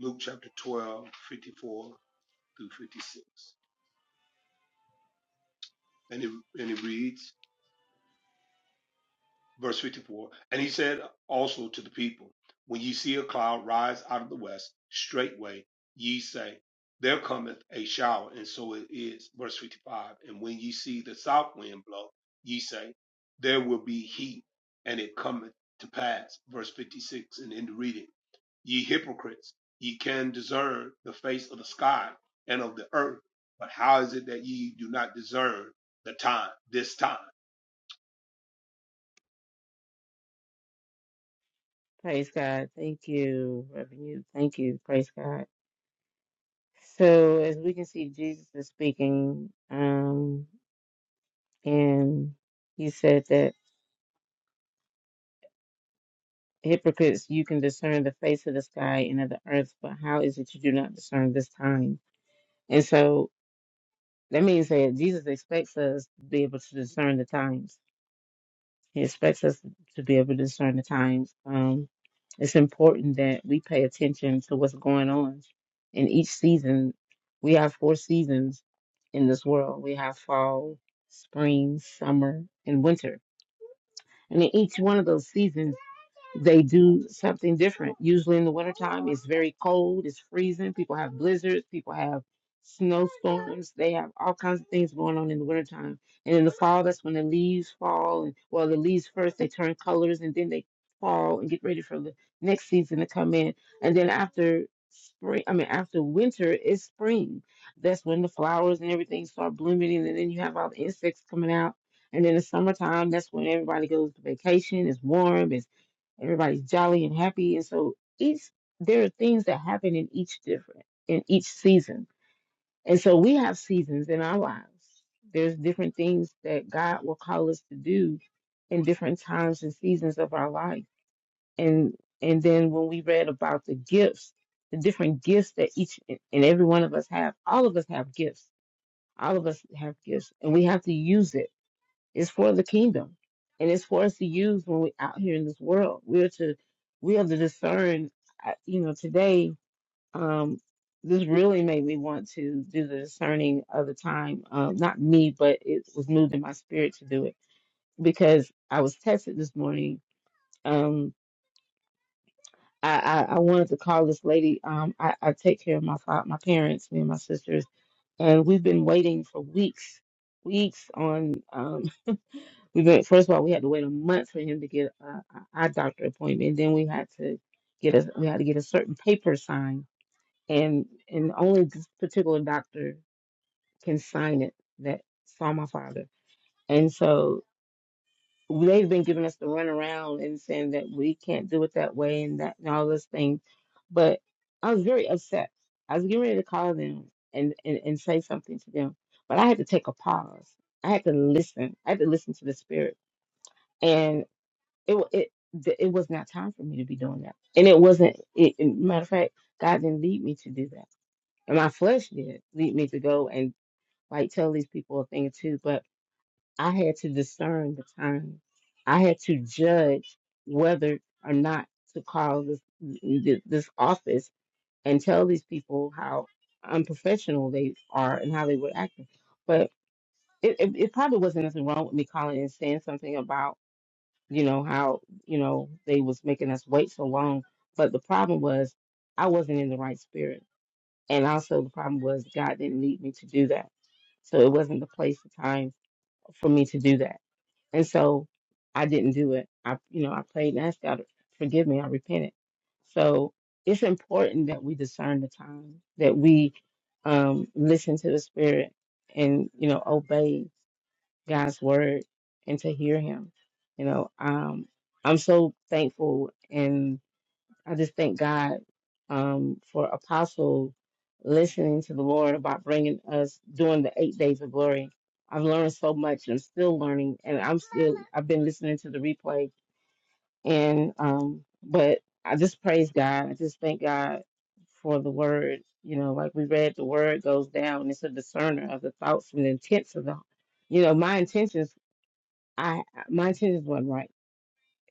[SPEAKER 4] Luke chapter twelve fifty four through 56. And it, and it reads, verse 54, And he said also to the people, When ye see a cloud rise out of the west, straightway ye say, There cometh a shower, and so it is. Verse 55, And when ye see the south wind blow, ye say, There will be heat, and it cometh to pass. Verse 56, and in the reading. Ye hypocrites, ye can discern the face of the sky and of the earth, but how is it that ye do not discern the time, this time?
[SPEAKER 3] Praise God. Thank you, Reverend. Yu. Thank you. Praise God. So, as we can see, Jesus is speaking, um, and he said that hypocrites, you can discern the face of the sky and of the earth, but how is it you do not discern this time? And so that means that Jesus expects us to be able to discern the times He expects us to be able to discern the times. Um, it's important that we pay attention to what's going on in each season. We have four seasons in this world. We have fall, spring, summer, and winter. And in each one of those seasons, they do something different. Usually in the wintertime, it's very cold, it's freezing. People have blizzards, people have snowstorms. They have all kinds of things going on in the wintertime. And in the fall, that's when the leaves fall. And, well, the leaves first, they turn colors and then they fall and get ready for the next season to come in. And then after spring, I mean, after winter, it's spring. That's when the flowers and everything start blooming. And then you have all the insects coming out. And in the summertime, that's when everybody goes to vacation. It's warm. It's everybody's jolly and happy and so each there are things that happen in each different in each season and so we have seasons in our lives there's different things that god will call us to do in different times and seasons of our life and and then when we read about the gifts the different gifts that each and every one of us have all of us have gifts all of us have gifts and we have to use it it's for the kingdom, and it's for us to use when we're out here in this world. We're to we have to discern. I- You know, today um, this really made me want to do the discerning of the time. Uh, not me, but it was moved in my spirit to do it because I was tested this morning. Um, I, I, I wanted to call this lady. Um, I, I take care of my fa- my parents, me and my sisters, and we've been waiting for weeks, weeks on. Um, We went, first of all, we had to wait a month for him to get a our eye doctor appointment. Then we had to get a we had to get a certain paper signed, and and only this particular doctor can sign it that saw my father. And so they've been giving us the runaround and saying that we can't do it that way and that and all those things. But I was very upset. I was getting ready to call them and, and, and say something to them, but I had to take a pause. I had to listen. I had to listen to the spirit it wa- it th- it was not time for me to be doing that, and it wasn't. It, it- matter of fact, God didn't lead me to do that, and my flesh did lead me to go and like tell these people a thing or two. But I had to discern the time. I had to judge whether or not to call this th- this office and tell these people how unprofessional they are and how they were acting. But it, it, it probably wasn't nothing wrong with me calling and saying something about you know how you know they was making us wait so long but the problem was i wasn't in the right spirit and also the problem was god didn't lead me to do that so it wasn't the place or time for me to do that and so i didn't do it i you know i prayed and asked god to forgive me i repented so it's important that we discern the time that we um listen to the spirit and you know obey God's word and to hear him. You know, um, I'm so thankful and I just thank God um, for Apostle listening to the Lord about bringing us doing the eight days of glory. I've learned so much and still learning, and I'm still, I've been listening to the replay. And, um, but I just praise God. I just thank God for the word. You know, like we read, the word goes down. It's a discerner of the thoughts and intents of the you know, my intentions. I my intentions wasn't right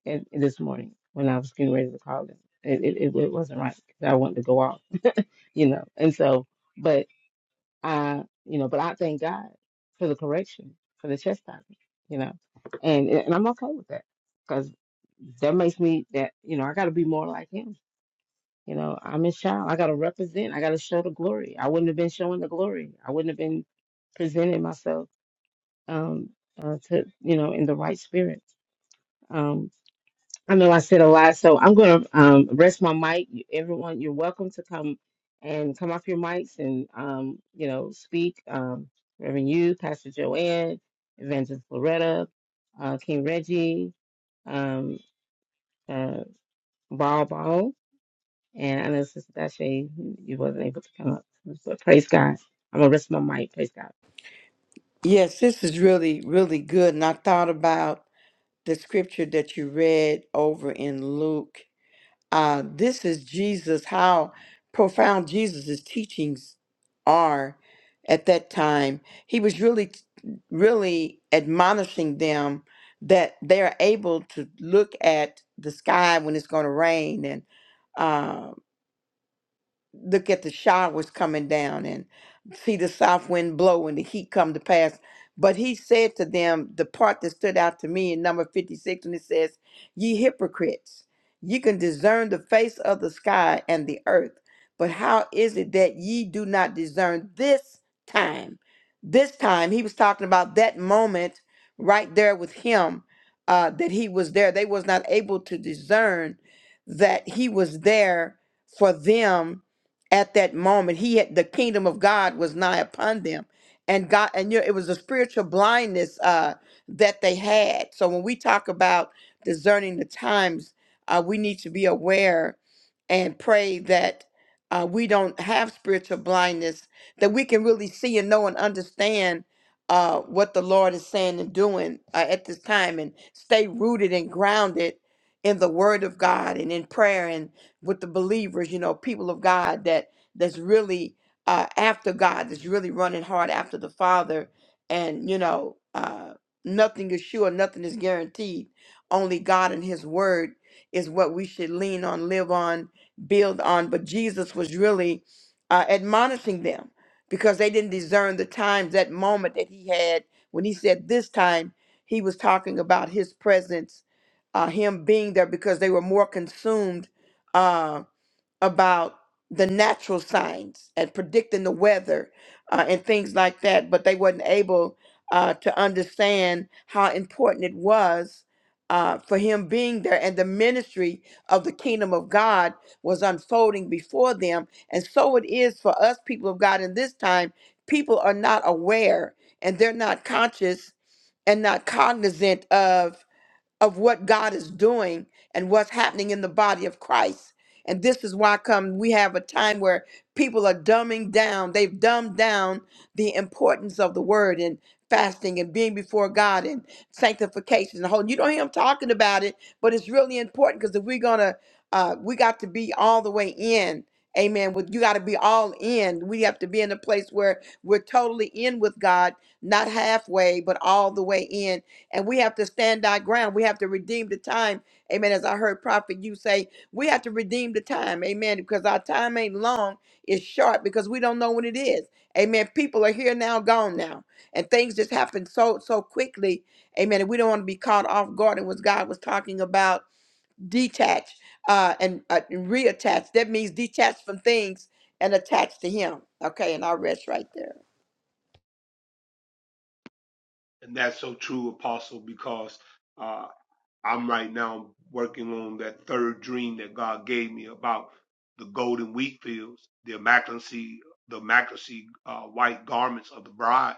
[SPEAKER 3] and, this morning when I was getting ready to call them. It it, it, it wasn't right. 'cause I wanted to go off, you know. And so, but I, you know, but I thank God for the correction, for the chastisement, you know, and and I'm okay with that because that makes me that you know I got to be more like Him. You know, I'm His child. I got to represent. I got to show the glory. I wouldn't have been showing the glory. I wouldn't have been presenting myself um uh, to you know in the right spirit um, I know I said a lot, so I'm gonna um, rest my mic. You- Everyone, you're welcome to come and come off your mics and um, you know speak. Um, Reverend you, Pastor Joanne, Evangelist Loretta, uh, King Reggie, um, uh, Ball Ball, and I know Sister Dashe, you wasn't able to come up, but praise God. I'm gonna rest my mic. Praise God.
[SPEAKER 1] Yes, this is really, really good. And I thought about the scripture that you read over in Luke. Uh, this is Jesus, how profound Jesus' teachings are at that time. He was really, really admonishing them that they're able to look at the sky when it's going to rain and uh, look at the showers coming down and see the south wind blow and the heat come to pass. But he said to them, the part that stood out to me in number 56, when it says, Ye hypocrites, ye can discern the face of the sky and the earth, but how is it that ye do not discern this time? This time, he was talking about that moment right there with him uh, that he was there. They was not able to discern that he was there for them at that moment he had the kingdom of god was nigh upon them and god and you know, it was a spiritual blindness uh that they had so when we talk about discerning the times uh we need to be aware and pray that uh, we don't have spiritual blindness that we can really see and know and understand uh, what the Lord is saying and doing uh, at this time, and stay rooted and grounded in the Word of God and in prayer with the believers, you know, people of God that that's really uh, after God, that's really running hard after the Father, and you know, uh, nothing is sure, nothing is guaranteed. Only God and His Word is what we should lean on, live on, build on. But Jesus was really uh, admonishing them because they didn't discern the times, that moment that He had when He said, "This time." He was talking about His presence, uh, Him being there, because they were more consumed uh, about the natural signs and predicting the weather uh, and things like that, but they wasn't able uh, to understand how important it was uh, for him being there, and the ministry of the kingdom of God was unfolding before them, and so it is for us, people of God, in this time. People are not aware, and they're not conscious, and not cognizant of of what God is doing and what's happening in the body of Christ. And this is why come we have a time where people are dumbing down. They've dumbed down the importance of the word and fasting and being before God and sanctification. and The whole you don't hear them talking about it, but it's really important because if we're gonna, uh, we got to be all the way in. Amen. With you got to be all in. We have to be in a place where we're totally in with God, not halfway, but all the way in and we have to stand our ground. We have to redeem the time. Amen. As I heard Prophet you say, we have to redeem the time. Amen. Because our time ain't long, it's short because we don't know when it is. Amen. People are here now, gone now. And things just happen so so quickly. Amen. And we don't want to be caught off guard. And what God was talking about, detach uh, and, uh, and reattach. That means detach from things and attach to Him. Okay. And I'll rest right there.
[SPEAKER 4] And that's so true, Apostle, because uh, I'm right now working on that third dream that God gave me about the golden wheat fields, the immaculacy, the immaculacy uh, white garments of the bride,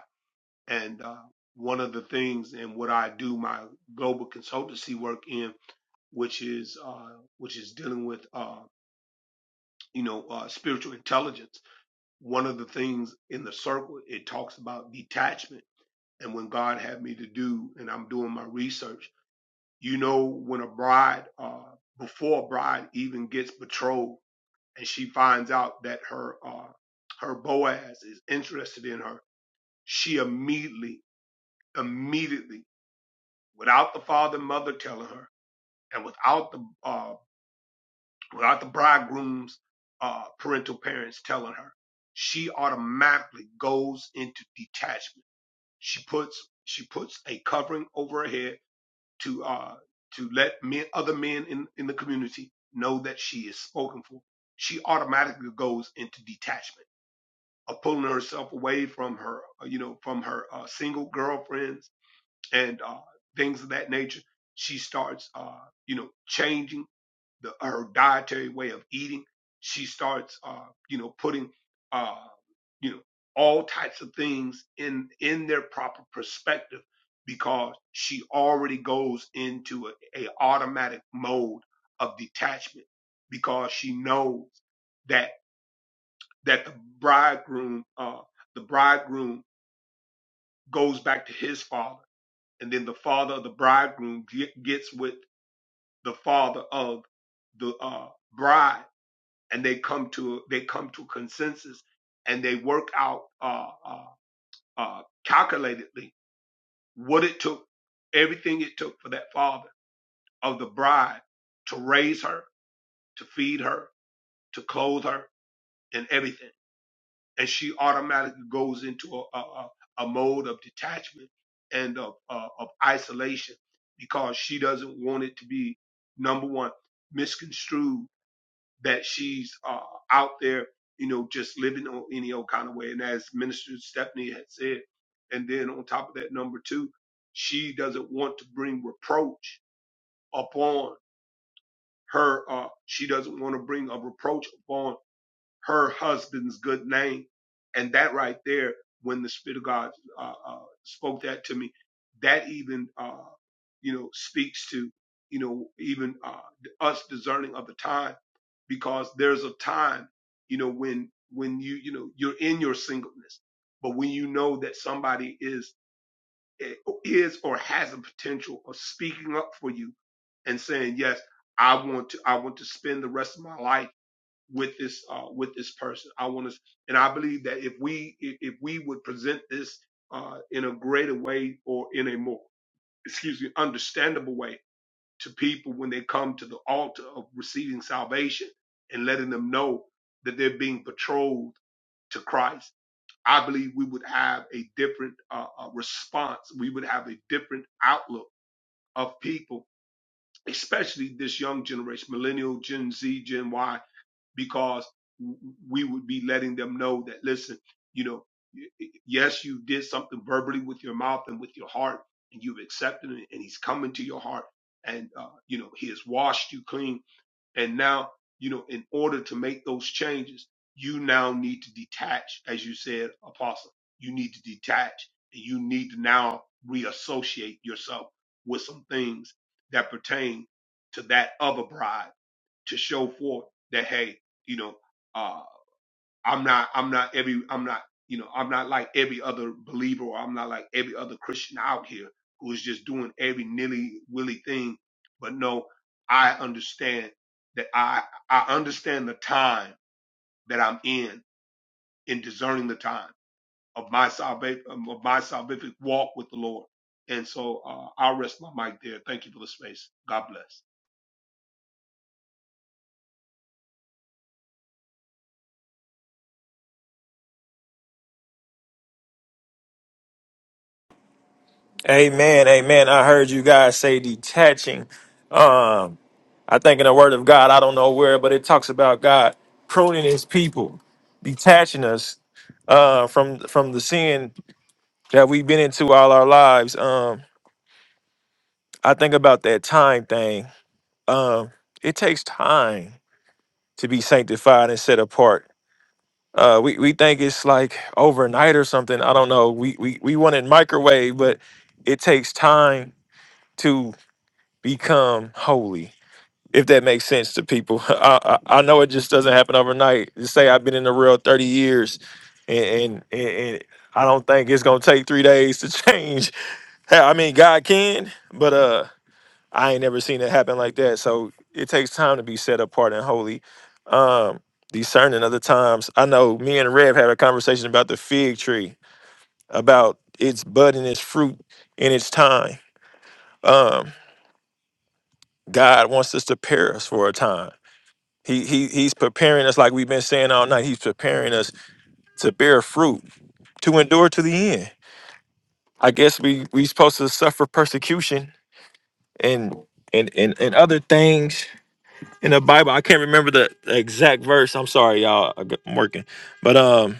[SPEAKER 4] and uh, one of the things and what I do my global consultancy work in, which is uh, which is dealing with. uh, you know, uh, spiritual intelligence, one of the things in the circle, it talks about detachment. And when God had me to do, and I'm doing my research, you know, when a bride, uh, before a bride even gets betrothed and she finds out that her, uh, her Boaz is interested in her, she immediately, immediately, without the father and mother telling her, and without the uh, without the bridegroom's uh, parental parents telling her, she automatically goes into detachment. She puts she puts a covering over her head to uh, to let men other men in, in the community know that she is spoken for. She automatically goes into detachment of pulling herself away from her uh, you know from her uh, single girlfriends and uh, things of that nature. She starts uh, you know changing the her dietary way of eating. She starts, uh, you know, putting, uh, you know, all types of things in in their proper perspective because she already goes into a, a automatic mode of detachment because she knows that that the bridegroom, uh, the bridegroom goes back to his father, and then the father of the bridegroom ge- gets with the father of the uh, bride and they come to they come to consensus and they work out uh, uh, uh, calculatedly what it took, everything it took for that father of the bride to raise her, to feed her, to clothe her, and everything. And she automatically goes into a, a, a mode of detachment and of, uh, of isolation because she doesn't want it to be number one misconstrued that she's uh, out there, you know, just living on any old kind of way. And as Minister Stephanie had said, and then on top of that, number two, she doesn't want to bring reproach upon her. Uh, she doesn't want to bring a reproach upon her husband's good name. And that right there, when the Spirit of God uh, uh, spoke that to me, that even, uh, you know, speaks to, you know, even uh, us discerning of the time because there's a time, you know, when, when you, you know, you're in your singleness, but when you know that somebody is, eh, is or has a potential of speaking up for you and saying, yes, I want to, I want to spend the rest of my life with this uh, with this person. I want to, and I believe that if we if if we would present this uh, in a greater way or in a more excuse me understandable way to people when they come to the altar of receiving salvation and letting them know that they're being betrothed to Christ, I believe we would have a different uh, uh, response. We would have a different outlook of people, especially this young generation, millennial, Gen Z, Gen Y because we would be letting them know that listen, you know, yes, you did something verbally with your mouth and with your heart, and you've accepted it, and He's come into your heart, and uh, you know He has washed you clean, and now you know in order to make those changes, you now need to detach, as you said, Apostle. You need to detach, and you need to now reassociate yourself with some things that pertain to that other bride to show forth that hey, you know, uh, I'm not, I'm not every, I'm not, you know, I'm not like every other believer, or I'm not like every other Christian out here who is just doing every nilly willy thing. But no, I understand that I, I understand the time that I'm in in discerning the time of my salvation, of my salvific walk with the Lord. And so uh, I'll rest my mic there. Thank you for the space. God bless.
[SPEAKER 2] Amen, amen. I heard you guys say detaching. Um, I think in the word of God, I don't know where, but it talks about God pruning his people, detaching us uh from from the sin that we've been into all our lives. Um, I think about that time thing. Um, it takes time to be sanctified and set apart. uh we we think it's like overnight or something i don't know we we, we want it microwave but it takes time to become holy if that makes sense to people (laughs) i i, I know it just doesn't happen overnight just say i've been in the real 30 years and and, and and i don't think it's gonna take three days to (laughs) change i mean god can but uh I ain't never seen it happen like that. So it takes time to be set apart and holy. Um, discerning other times. I know me and Rev had a conversation about the fig tree, about its bud and its fruit in its time. Um, God wants us to prepare us for a time. He, he he's preparing us like we've been saying all night. He's preparing us to bear fruit, to endure to the end. I guess we we supposed to suffer persecution and and and, and other things in the Bible. I can't remember the the exact verse. I'm sorry, y'all. I got- I'm working, but um,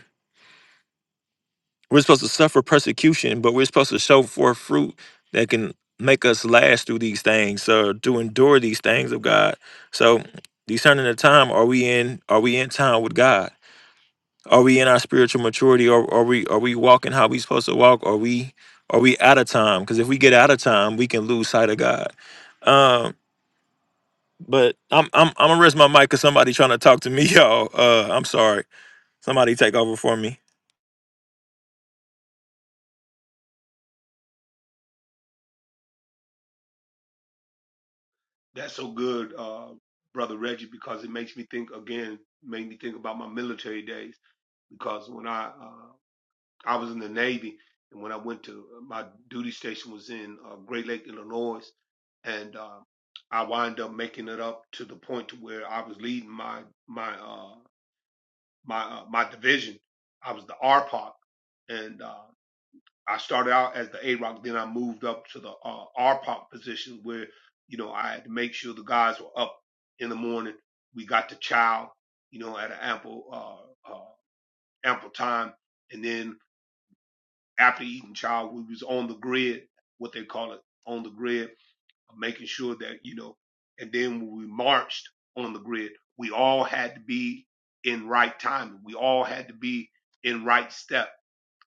[SPEAKER 2] we're supposed to suffer persecution, but we're supposed to show forth fruit that can make us last through these things, so to endure these things of God. So, discerning the time, are we in? Are we in time with God? Are we in our spiritual maturity? Or are we are we walking how we supposed to walk? Are we are we out of time? Because if we get out of time, we can lose sight of God. Um, But I'm I'm I'm gonna rest my mic because somebody trying to talk to me, (laughs) y'all. Uh, I'm sorry. Somebody take over for me.
[SPEAKER 4] That's so good, uh, brother Reggie, because it makes me think again, made me think about my military days. Because when I uh, I was in the Navy, and when I went to uh, my duty station was in uh, Great Lake, Illinois, and uh, I wind up making it up to the point to where I was leading my my uh, my uh, my division. I was the RPOC, and uh, I started out as the A Rock, then I moved up to the uh, pop position where, you know, I had to make sure the guys were up in the morning. We got to chow, you know, at an ample, uh, uh, ample time. And then after eating chow, we was on the grid, what they call it, on the grid, making sure that, you know, and then when we marched on the grid, we all had to be in right timing. We all had to be in right step.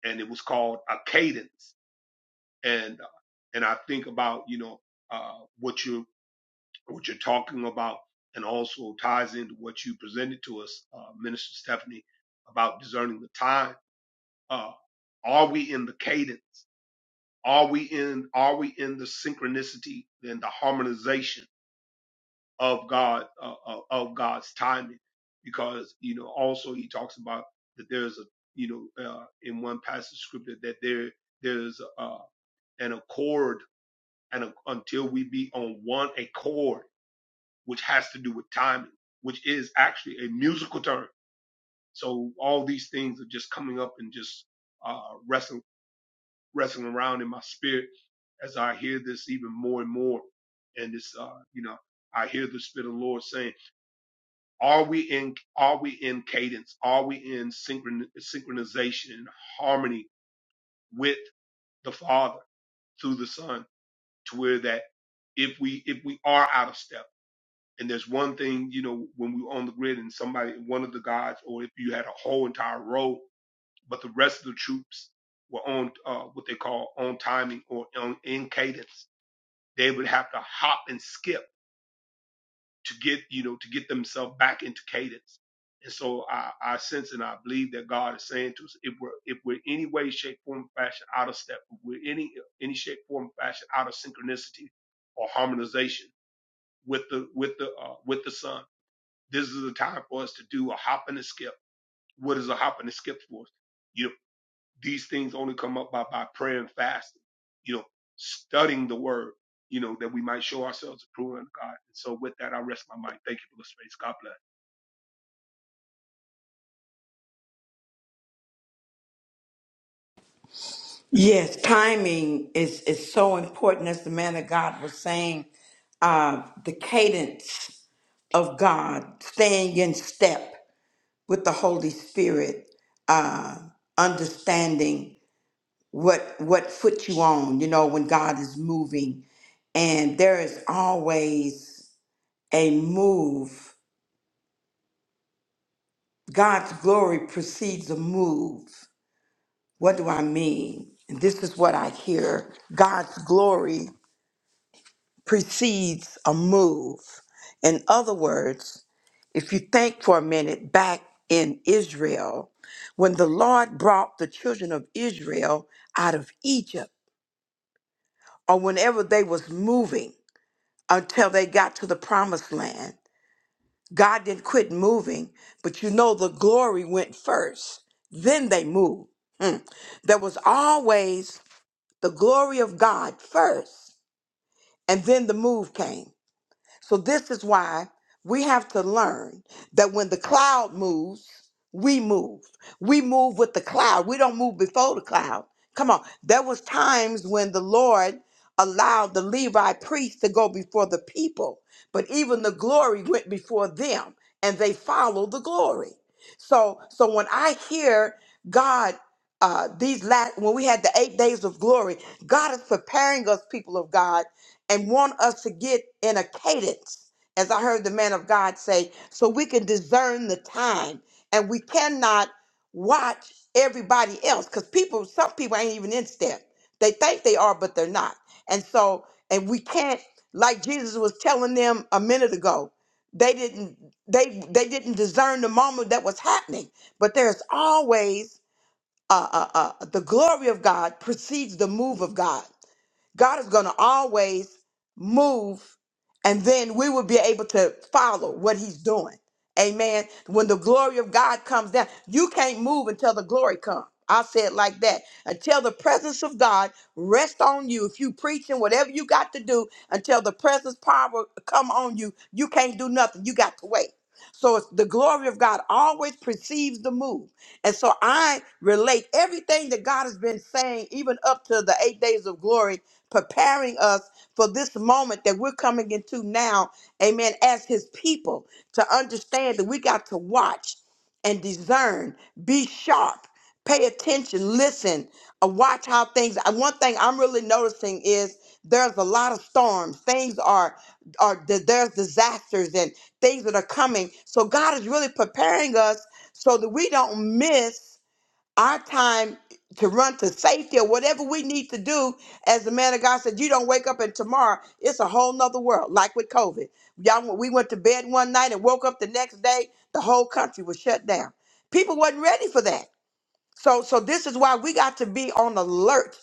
[SPEAKER 4] And it was called a cadence and and I think about you know uh, what you're what you're talking about, and also ties into what you presented to us, uh, Minister Stephanie, about discerning the time. Uh, are we in the cadence? Are we in Are we in the synchronicity and the harmonization of God uh, uh, of God's timing? Because you know, also he talks about that there's a you know uh, in one passage of scripture that there there's uh, an accord and until we be on one accord, which has to do with timing, which is actually a musical term. So all these things are just coming up and just uh, wrestling wrestling around in my spirit as I hear this even more and more. And it's uh, you know, I hear the Spirit of the Lord saying, "Are we in? Are we in cadence? Are we in synchron- synchronization, and harmony with the Father through the Son, to where that if we if we are out of step." And there's one thing, you know, when we were on the grid and somebody, one of the guys, or if you had a whole entire row, but the rest of the troops were on uh, what they call on timing or on, in cadence, they would have to hop and skip to get, you know, to get themselves back into cadence. And so I, I sense and I believe that God is saying to us, if we're if we're any way, shape, form, fashion out of step, if we're any any shape, form, fashion out of synchronicity or harmonization with the with the uh, with the sun this is a time for us to do a hop and a skip. What is a hop and a skip for us? You know, these things only come up by, by prayer and fasting, you know, studying the word, you know, that we might show ourselves approved unto God. And so with that, I rest my mind. Thank you for the space. God bless.
[SPEAKER 1] Time is, is so important, as the man of God was saying. uh, the cadence of God, staying in step with the Holy Spirit, uh, understanding what what foot you on. You know when God is moving, and there is always a move. God's glory precedes a move. What do I mean? And this is what I hear: God's glory precedes a move. In other words, If you think for a minute back in Israel, when the Lord brought the children of Israel out of Egypt, or whenever they was moving until they got to the promised land, God didn't quit moving, but you know the glory went first. Then they moved. There was always the glory of God first, and then the move came. So this is why we have to learn that when the cloud moves, we move. We move with the cloud. We don't move before the cloud. Come on. There was times when the Lord allowed the Levi priests to go before the people, but even the glory went before them and they followed the glory. So so when I hear God uh, these last when we had the eight days of glory, God is preparing us, people of God, and want us to get in a cadence, as I heard the man of God say, so we can discern the time and we cannot watch everybody else because people, some people ain't even in step. They think they are, but they're not. And so, and we can't, like Jesus was telling them a minute ago, they didn't they they didn't discern the moment that was happening. But there's always uh, uh, uh, the glory of God precedes the move of God. God is going to always move, and then we will be able to follow what He's doing. Amen. When the glory of God comes down, you can't move until the glory comes. I say it like that. Until the presence of God rest on you, if you preaching whatever you got to do, until the presence power come on you, you can't do nothing. You got to wait. So it's the glory of God always precedes the move. And so I relate everything that God has been saying, even up to the eight days of glory preparing us for this moment that we're coming into now, amen, as his people, to understand that we got to watch and discern, be sharp, pay attention, listen, uh, watch how things. uh, One thing I'm really noticing is there's a lot of storms. Things are, are th- there's disasters and things that are coming. So God is really preparing us so that we don't miss our time to run to safety or whatever we need to do. As the man of God said, you don't wake up and tomorrow it's a whole nother world, like with COVID. Y'all, we went to bed one night and woke up the next day, the whole country was shut down. People wasn't ready for that. So, so this is why we got to be on alert.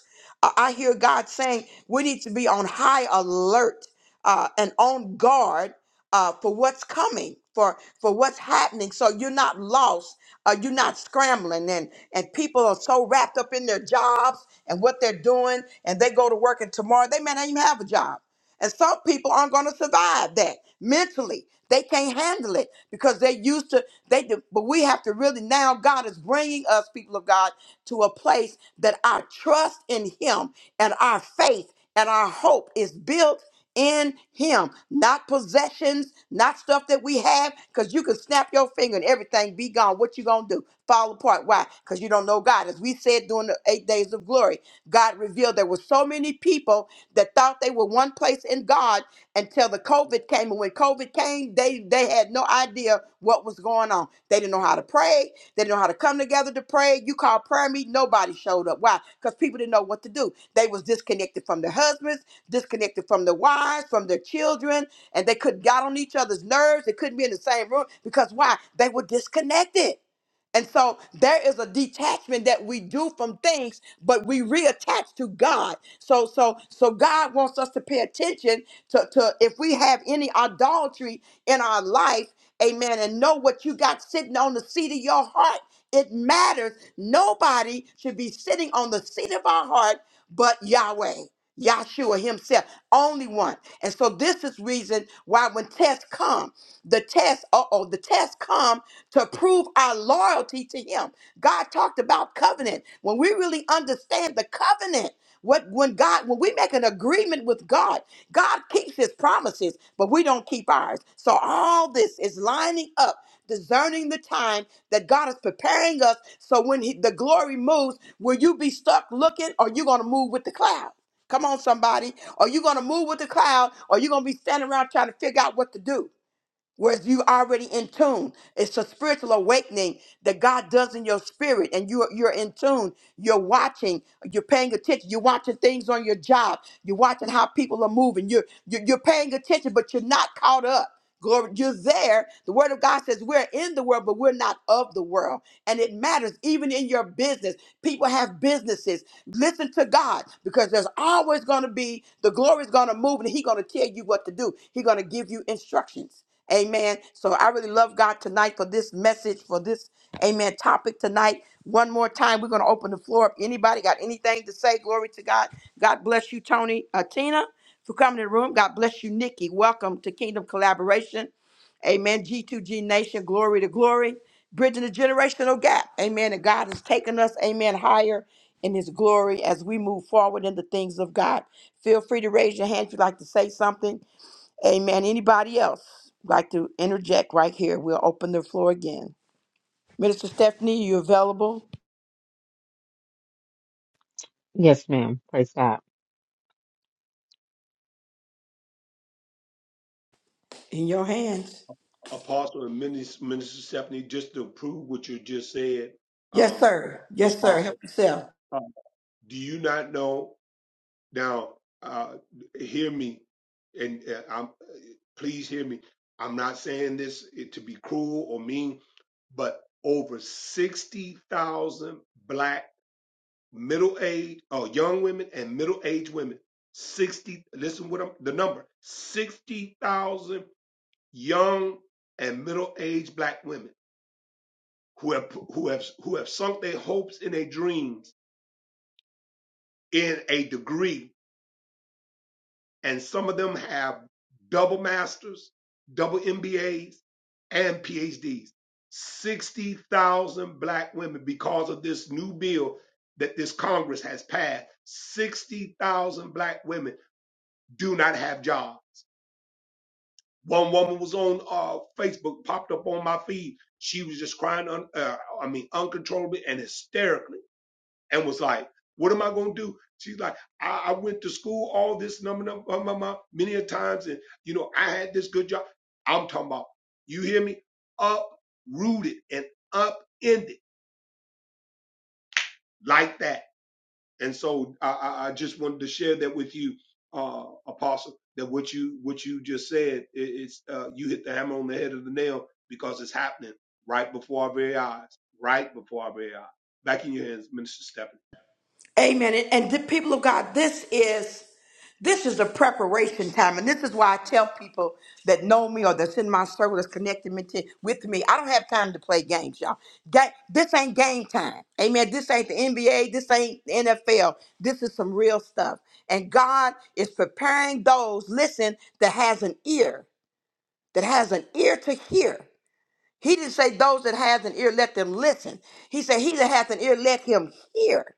[SPEAKER 1] Uh, I hear God saying we need to be on high alert uh, and on guard uh, for what's coming, for for what's happening. So you're not lost. Uh, you're not scrambling, and and people are so wrapped up in their jobs and what they're doing, and they go to work, and tomorrow they may not even have a job. And some people aren't going to survive that mentally. They can't handle it because they're used to they do, but we have to really now. God is bringing us, people of God, to a place that our trust in Him and our faith and our hope is built in Him, not possessions, not stuff that we have, because you can snap your finger and everything be gone. What you gonna do? Fall apart? Why? Because you don't know God. As we said during the eight days of glory, God revealed there were so many people that thought they were one place in God until the COVID came. And when COVID came, they they had no idea what was going on. They didn't know how to pray. They didn't know how to come together to pray. You called prayer meeting, nobody showed up. Why? Because people didn't know what to do. They was disconnected from their husbands, disconnected from their wives, from their children, and they couldn't got on each other's nerves. They couldn't be in the same room because why? They were disconnected. And so there is a detachment that we do from things, but we reattach to God. So so so God wants us to pay attention to, to if we have any idolatry in our life, amen, and know what you got sitting on the seat of your heart. It matters. Nobody should be sitting on the seat of our heart but Yahweh. Yahshua himself, only one. And so this is reason why when tests come, the tests, uh-oh, the tests come to prove our loyalty to Him. God talked about covenant. When we really understand the covenant, what when God when we make an agreement with God, God keeps His promises, but we don't keep ours. So all this is lining up, discerning the time that God is preparing us. So when he, the glory moves, will you be stuck looking, or you gonna move with the cloud? Come on, somebody. Are you going to move with the cloud or you going to be standing around trying to figure out what to do? Whereas you already in tune. It's a spiritual awakening that God does in your spirit, and you're you're in tune. You're watching. You're paying attention. You're watching things on your job. You're watching how people are moving. You're you're, you're paying attention, but you're not caught up. Glory, you're there. The word of God says we're in the world, but we're not of the world. And it matters even in your business. People have businesses. Listen to God because there's always going to be the glory's going to move and He's going to tell you what to do. He's going to give you instructions. Amen. So I really love God tonight for this message, for this, amen, topic tonight. One more time, we're going to open the floor up. Anybody got anything to say? Glory to God. God bless you, Tony, uh, Tina, for coming to the room. God bless you, Nikki. Welcome to Kingdom Collaboration. Amen. G2G Nation, glory to glory. Bridging the generational gap. Amen. And God has taken us, amen, higher in his glory as we move forward in the things of God. Feel free to raise your hand if you'd like to say something. Amen. Anybody else like to interject right here? We'll open the floor again. Minister Stephanie, you available?
[SPEAKER 3] Yes, ma'am. Praise God.
[SPEAKER 1] In your hands.
[SPEAKER 4] Apostle and Minister, Minister Stephanie, just to prove what you just said,
[SPEAKER 1] Yes,
[SPEAKER 4] uh,
[SPEAKER 1] sir. Yes, sir.
[SPEAKER 4] Apostle,
[SPEAKER 1] Help yourself.
[SPEAKER 4] uh, do you not know? Now, uh, hear me, and uh, I'm, please hear me. I'm not saying this eh, to be cruel or mean, but over 60,000 black middle-aged or young women and middle-aged women, 60, listen what I'm, the number, 60,000 young and middle-aged black women who have, who have, who have sunk their hopes and their dreams in a degree and some of them have double masters, double MBAs, and PhDs. 60,000 black women because of this new bill that this Congress has passed. 60,000 black women do not have jobs. One woman was on uh, Facebook, popped up on my feed. She was just crying, un- uh, I mean, uncontrollably and hysterically and was like, "What am I going to do?" She's like, I, "I went to school all this number, number, number, number, many a times, and you know I had this good job." I'm talking about you hear me uprooted and upended like that. And so I, I, I just wanted to share that with you, uh, Apostle, that what you what you just said, it, it's uh, you hit the hammer on the head of the nail because it's happening right before our very eyes, right before our very eyes. Back in your hands, Minister Stephanie.
[SPEAKER 1] Amen. And, and the people of God, this is This is a preparation time, and this is why I tell people that know me or that's in my circle that's connected me to, with me. I don't have time to play games, y'all. Ga- this ain't game time. Amen. This ain't the NBA. This ain't the NFL. This is some real stuff. And God is preparing those, listen, that has an ear, that has an ear to hear. He didn't say those that has an ear, let them listen. He said, he that has an ear, let him hear.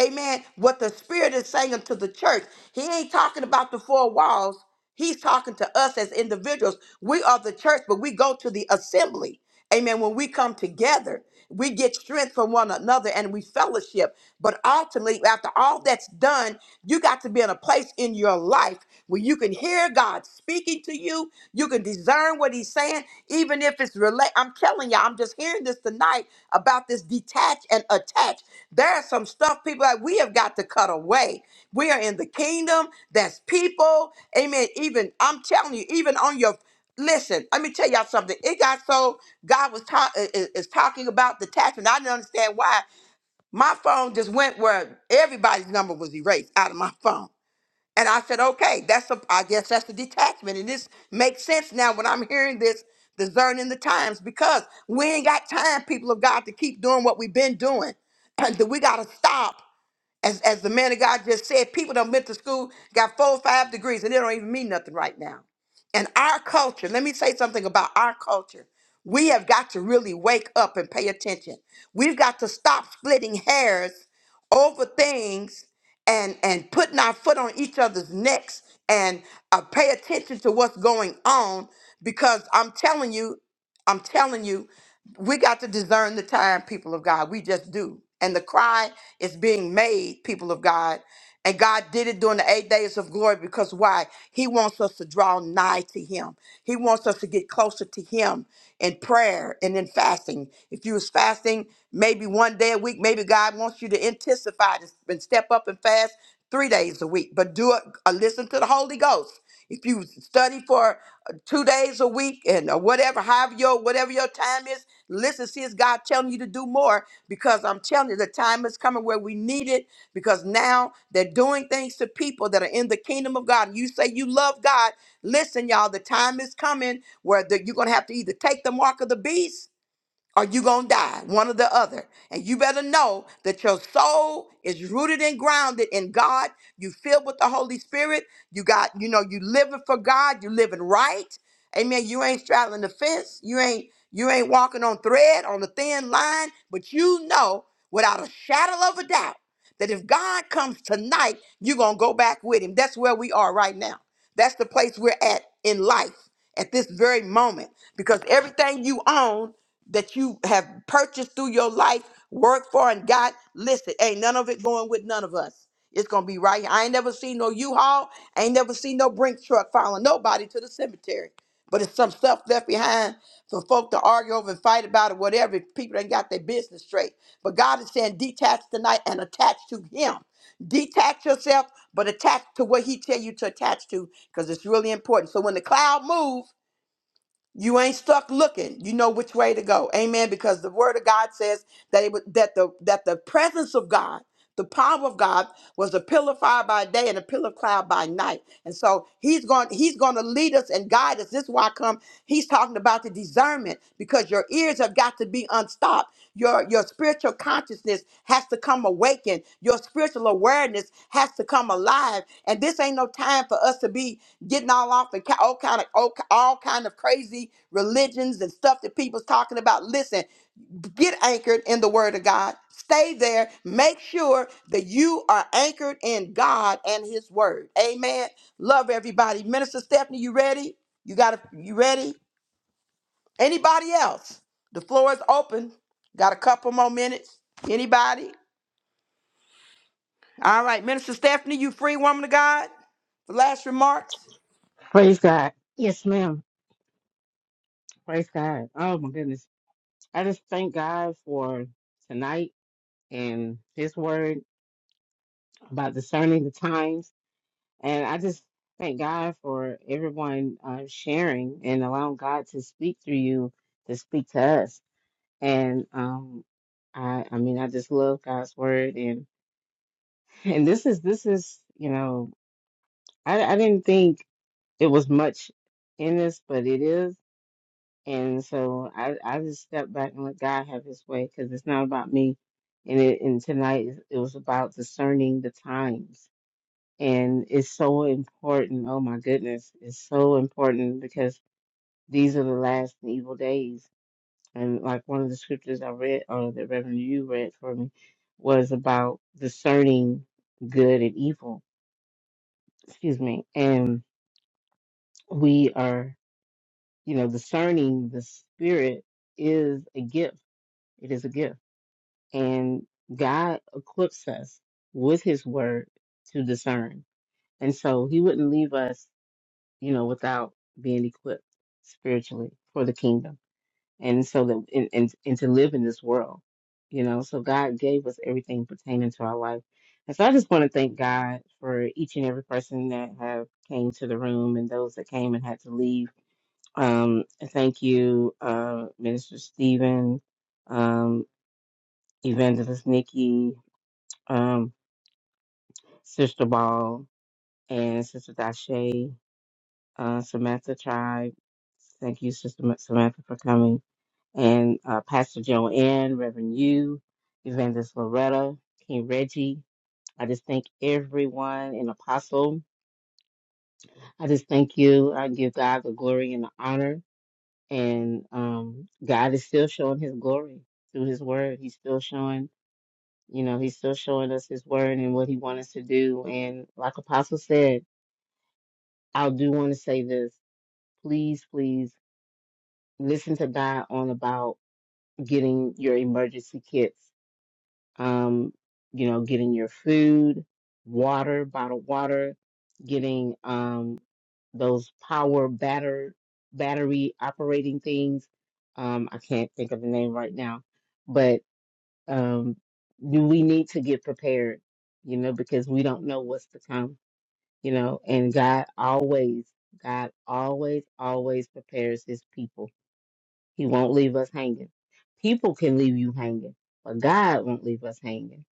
[SPEAKER 1] Amen. What the Spirit is saying unto the church, He ain't talking about the four walls. He's talking to us as individuals. We are the church, but we go to the assembly. Amen. When we come together, we get strength from one another and we fellowship. But ultimately, after all that's done, you got to be in a place in your life where you can hear God spew saying? Even if it's relate, I'm telling y'all, I'm just hearing this tonight about this detach and attach. There's some stuff people that we have got to cut away. We are in the kingdom. That's people. Amen. Even I'm telling you, even on your listen, let me tell y'all something. It got so God was ta- i- i- is talking about detachment. I didn't understand why my phone just went where everybody's number was erased out of my phone. And I said, okay, that's a, I guess that's the detachment. And this makes sense now when I'm hearing this, discerning the times, because we ain't got time, people of God, to keep doing what we've been doing. (clears throat) That we gotta stop, as as the man of God just said, people done went to school, got four or five degrees, and they don't even mean nothing right now. And our culture, let me say something about our culture. We have got to really wake up and pay attention. We've got to stop splitting hairs over things and and putting our foot on each other's necks and uh, pay attention to what's going on because i'm telling you i'm telling you we got to discern the time, people of God. We just do. And the cry is being made, people of God. And God did it during the eight days of glory because why? He wants us to draw nigh to Him. He wants us to get closer to Him in prayer and in fasting. If you was fasting maybe one day a week, maybe God wants you to intensify this and step up and fast three days a week. But do it a listen goes. If you study for two days a week and or whatever, however your whatever your time is. Listen, see, it's God telling you to do more because I'm telling you, the time is coming where we need it because now they're doing things to people that are in the kingdom of God. You say you love God. Listen, y'all, the time is coming where the, you're gonna have to either take the mark of the beast or you're gonna die, one or the other. So out now at life this moment because on that you have purchased through your life, worked for, and got. Listen, every one. I ain't never seen no U-Haul. They'll bring it left behind straight. But do him prove You ain't stuck looking. You know which way to go. Amen. Because the word of God says that it was, that the that the presence of God, the power of God, was a pillar of fire by day and a pillar of cloud by night. And so he's going he's going to lead us and guide us. This is why I come. He's talking about the discernment because your ears have got to be unstopped. Your your spiritual consciousness has to come awakened. Your spiritual awareness has to come alive. And this ain't no time for us to be getting all off and ki- all kind of all, all kind of crazy religions and stuff that people's talking about. Listen, get anchored in the Word of God. Make sure uh, and His Word. Ready? You ready? Body out. All right, Minister Stephanie, you free woman of God. Remarks.
[SPEAKER 3] Praise God. Yes, ma'am. Praise God. Oh my goodness. I just thank God for tonight. and his word about discerning the times. And I just thank God for everyone uh, sharing and allowing God to speak through you to speak to us. And um, I, I mean, I just love God's word. And and this is this is you know, I, I didn't think it was much in this, but it is. And so I, I just step back and let God have His way because it's not about me. And it, and tonight it was about discerning the times And it's so important. Oh my goodness. It's so important because these are the last and evil days. And like one of the scriptures I read, or that Reverend you read for me, was about discerning good and evil. Excuse me. And we are, you know, discerning the spirit is a gift. It is a gift. And God equips us with his word to discern. And so he wouldn't leave us you know, without being equipped spiritually for the kingdom. And so that, and, and, and to live in this world, you know, so God gave us everything pertaining to our life. And so I just want to thank God for each and every person that have came to the room and those that came and had to leave. Um, thank you, uh, Minister Stephen, um, Evangelist Nikki, um, Sister Ball, and Sister Dashe. uh, Samantha Tribe. Thank you, Sister Ma- Samantha, for coming. And uh, Pastor Joanne, Reverend You, Evangelist Loretta, King Reggie. I just thank everyone and Apostle. I just thank you. I give God the glory and the honor. And um, God is still showing his glory through his word. He's still showing, you know, he's still showing us his word and what he wants us to do. And like Apostle said, I do want to say this. Please, please listen to God on about getting your emergency kits, um, you know, getting your food, water, bottled water, getting um, those power batter battery operating things. Um, I can't think of the name right now, but um, do we need to get prepared, you know, because we don't know what's to come, you know, and God always, God always, always prepares his people he won't leave us hanging. People can leave you hanging, but God won't leave us hanging.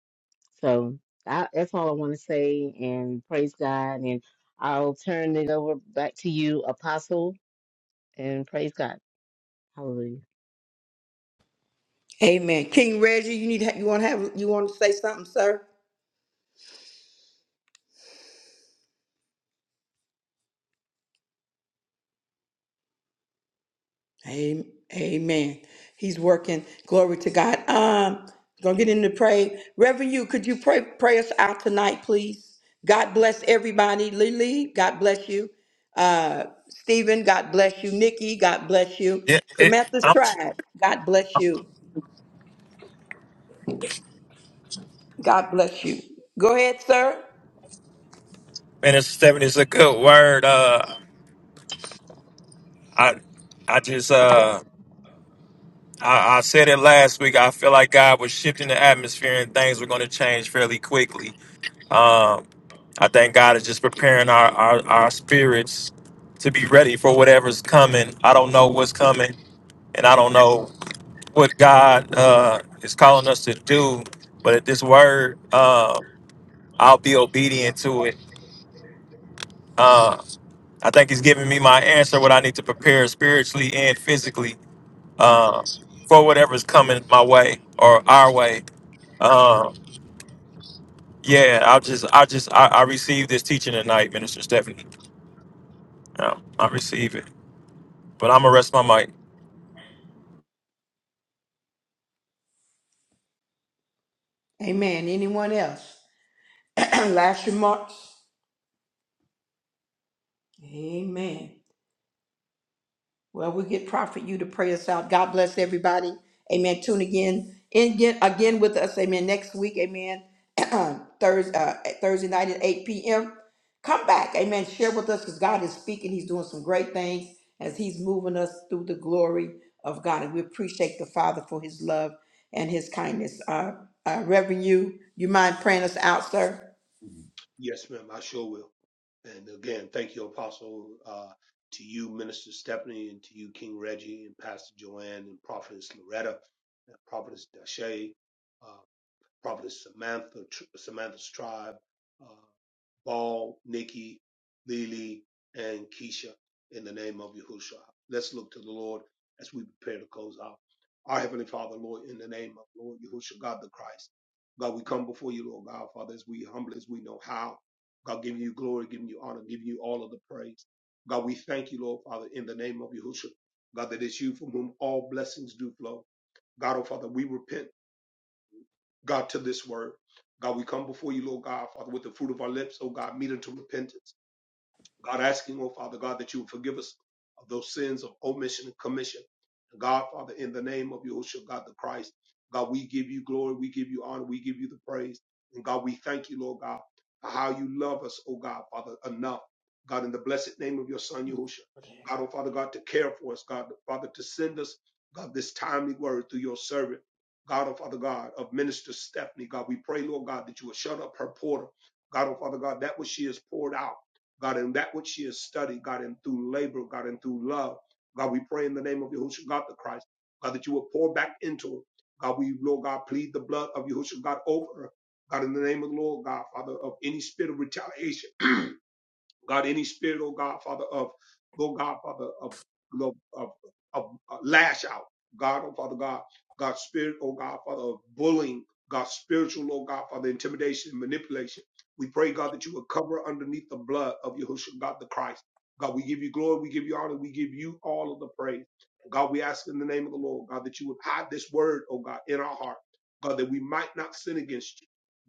[SPEAKER 3] So I, that's all I want to say. And praise God. And I'll turn it over back to you, Apostle. And praise God. Hallelujah.
[SPEAKER 1] Amen. King Reggie, you need you want to have you want to say something, sir? Am- Amen. He's working. Glory to God. Um, gonna get into pray. Reverend, you could you pray pray us out tonight, please? God bless everybody. Lily, God bless you. Uh, Stephen, God bless you. Nikki, God bless you.
[SPEAKER 2] Yeah, it,
[SPEAKER 1] Samantha's
[SPEAKER 2] I'm,
[SPEAKER 1] tribe, God bless you. God bless you. Go ahead, sir.
[SPEAKER 2] and it's Stephanie. It's a good word. Uh, I I just uh I, I said it last week. I feel like God was shifting the atmosphere and things were going to change fairly quickly. Um, I think God is just preparing our, our our spirits to be ready for whatever's coming. I don't know what's coming, and I don't know. what God uh, is calling us to do. But at this word, uh, I'll be obedient to it. Uh, I think He's giving me my answer, what I need to prepare spiritually and physically uh, for whatever's coming my way or our way. Uh, yeah, I'll just, I just, I, I received this teaching tonight, Minister Stephanie. Um, I receive it. But I'm gonna rest my mic.
[SPEAKER 1] Amen. Anyone else? (clears throat) Last remarks. Amen. Well, we get Prophet you to pray us out. God bless everybody. Amen. Tune again in again, again with us. Amen. Next week. Amen. (clears throat) Thursday, uh, Thursday night at 8 p.m. Come back. Amen. Share with us because God is speaking. He's doing some great things as He's moving us through the glory of God. And we appreciate the Father for His love and His kindness. Uh, uh, Reverend, you, you mind praying us out, sir?
[SPEAKER 4] Yes, ma'am. I sure will. And again, thank you, Apostle, uh, to you, Minister Stephanie, and to you, King Reggie, and Pastor Joanne, and Prophetess Loretta, and Prophetess Dashay. uh, Prophetess Samantha, Samantha's tribe, uh, Ball, Nikki, Lily, and Keisha in the name of Yahushua. Let's look to the Lord as we prepare to close out. Our Heavenly Father, Lord, in the name of Lord Yahushua, God the Christ. God, we come before you, Lord God, Father, as we humble as we know how. God, giving you glory, giving you honor, giving you all of the praise. God, we thank you, Lord Father, in the name of Yahushua. God, that it's you from whom all blessings do flow. God, oh Father, we repent God, to this word. God, we come before you, Lord God, Father, with the fruit of our lips, oh God, meet unto repentance. God, asking, oh Father God, that you would forgive us of those sins of omission and commission. God, Father, in the name of Yahushua, God the Christ, God, we give you glory, we give you honor, we give you the praise. And God, we thank you, Lord God, for how you love us, oh God, Father, enough. God, in the blessed name of your Son, Yahushua, God, oh Father, God, to care for us, God, Father, to send us, God, this timely word through your servant. God, oh Father God, of Minister Stephanie, God, we pray, Lord God, that you would shut up her portal. God, oh Father God, that which she has poured out. God, and that which she has studied, God, and through labor, God, and through love. God, we pray in the name of Yahushua God the Christ, God, that you will pour back into her. God, we, Lord God, plead the blood of Yahushua God over her. God, in the name of the Lord, God, Father, of any spirit of retaliation. (clears throat) God, any spirit, oh God, Father, of, oh God, Father, of, of, of, of uh, lash out. God, oh Father God, God, spirit, oh God, Father, of bullying, God, spiritual, oh God, Father, intimidation and manipulation. We pray, God, that you would cover underneath the blood of Yahushua, God the Christ. God, we give you glory, we give you honor, we give you all of the praise. God, we ask in the name of the Lord, God, that you would hide this word, oh God, in our heart. God, that we might not sin against you.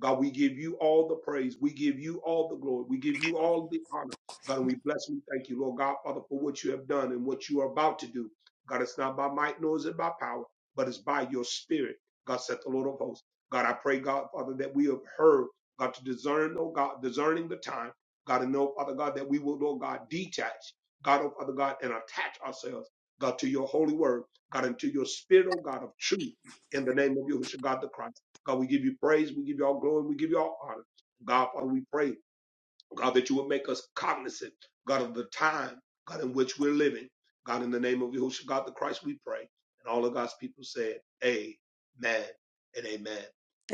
[SPEAKER 4] God, we give you all the praise. We give you all the glory. We give you all the honor. God, and we bless and we thank you, Lord God, Father, for what you have done and what you are about to do. God, it's not by might nor is it by power, but it's by your spirit. God said the Lord of hosts. God, I pray, God, Father, that we have heard, God, to discern, oh God, discerning the time. God, and know, Father God, that we will, Lord God, detach, God, oh Father God, and attach ourselves, God, to your holy word, God, and to your spirit, oh God, of truth in the name of Yahushua God the Christ. God, we give you praise, we give you all glory, we give you all honor. God, Father, we pray, God, that you would make us cognizant, God, of the time, God, in which we're living. God, in the name of Yahushua, God the Christ, we pray. And all of God's people said, Amen and amen.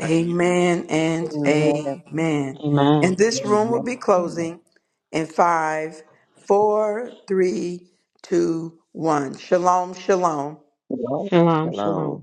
[SPEAKER 4] Back in your hands.
[SPEAKER 1] and
[SPEAKER 5] Amen.
[SPEAKER 1] amen. And
[SPEAKER 3] Amen.
[SPEAKER 1] this room will
[SPEAKER 5] Amen.
[SPEAKER 1] be closing in five, four, three, two, one. Shalom, shalom.
[SPEAKER 5] Shalom.
[SPEAKER 3] Shalom,
[SPEAKER 5] Shalom.
[SPEAKER 3] shalom.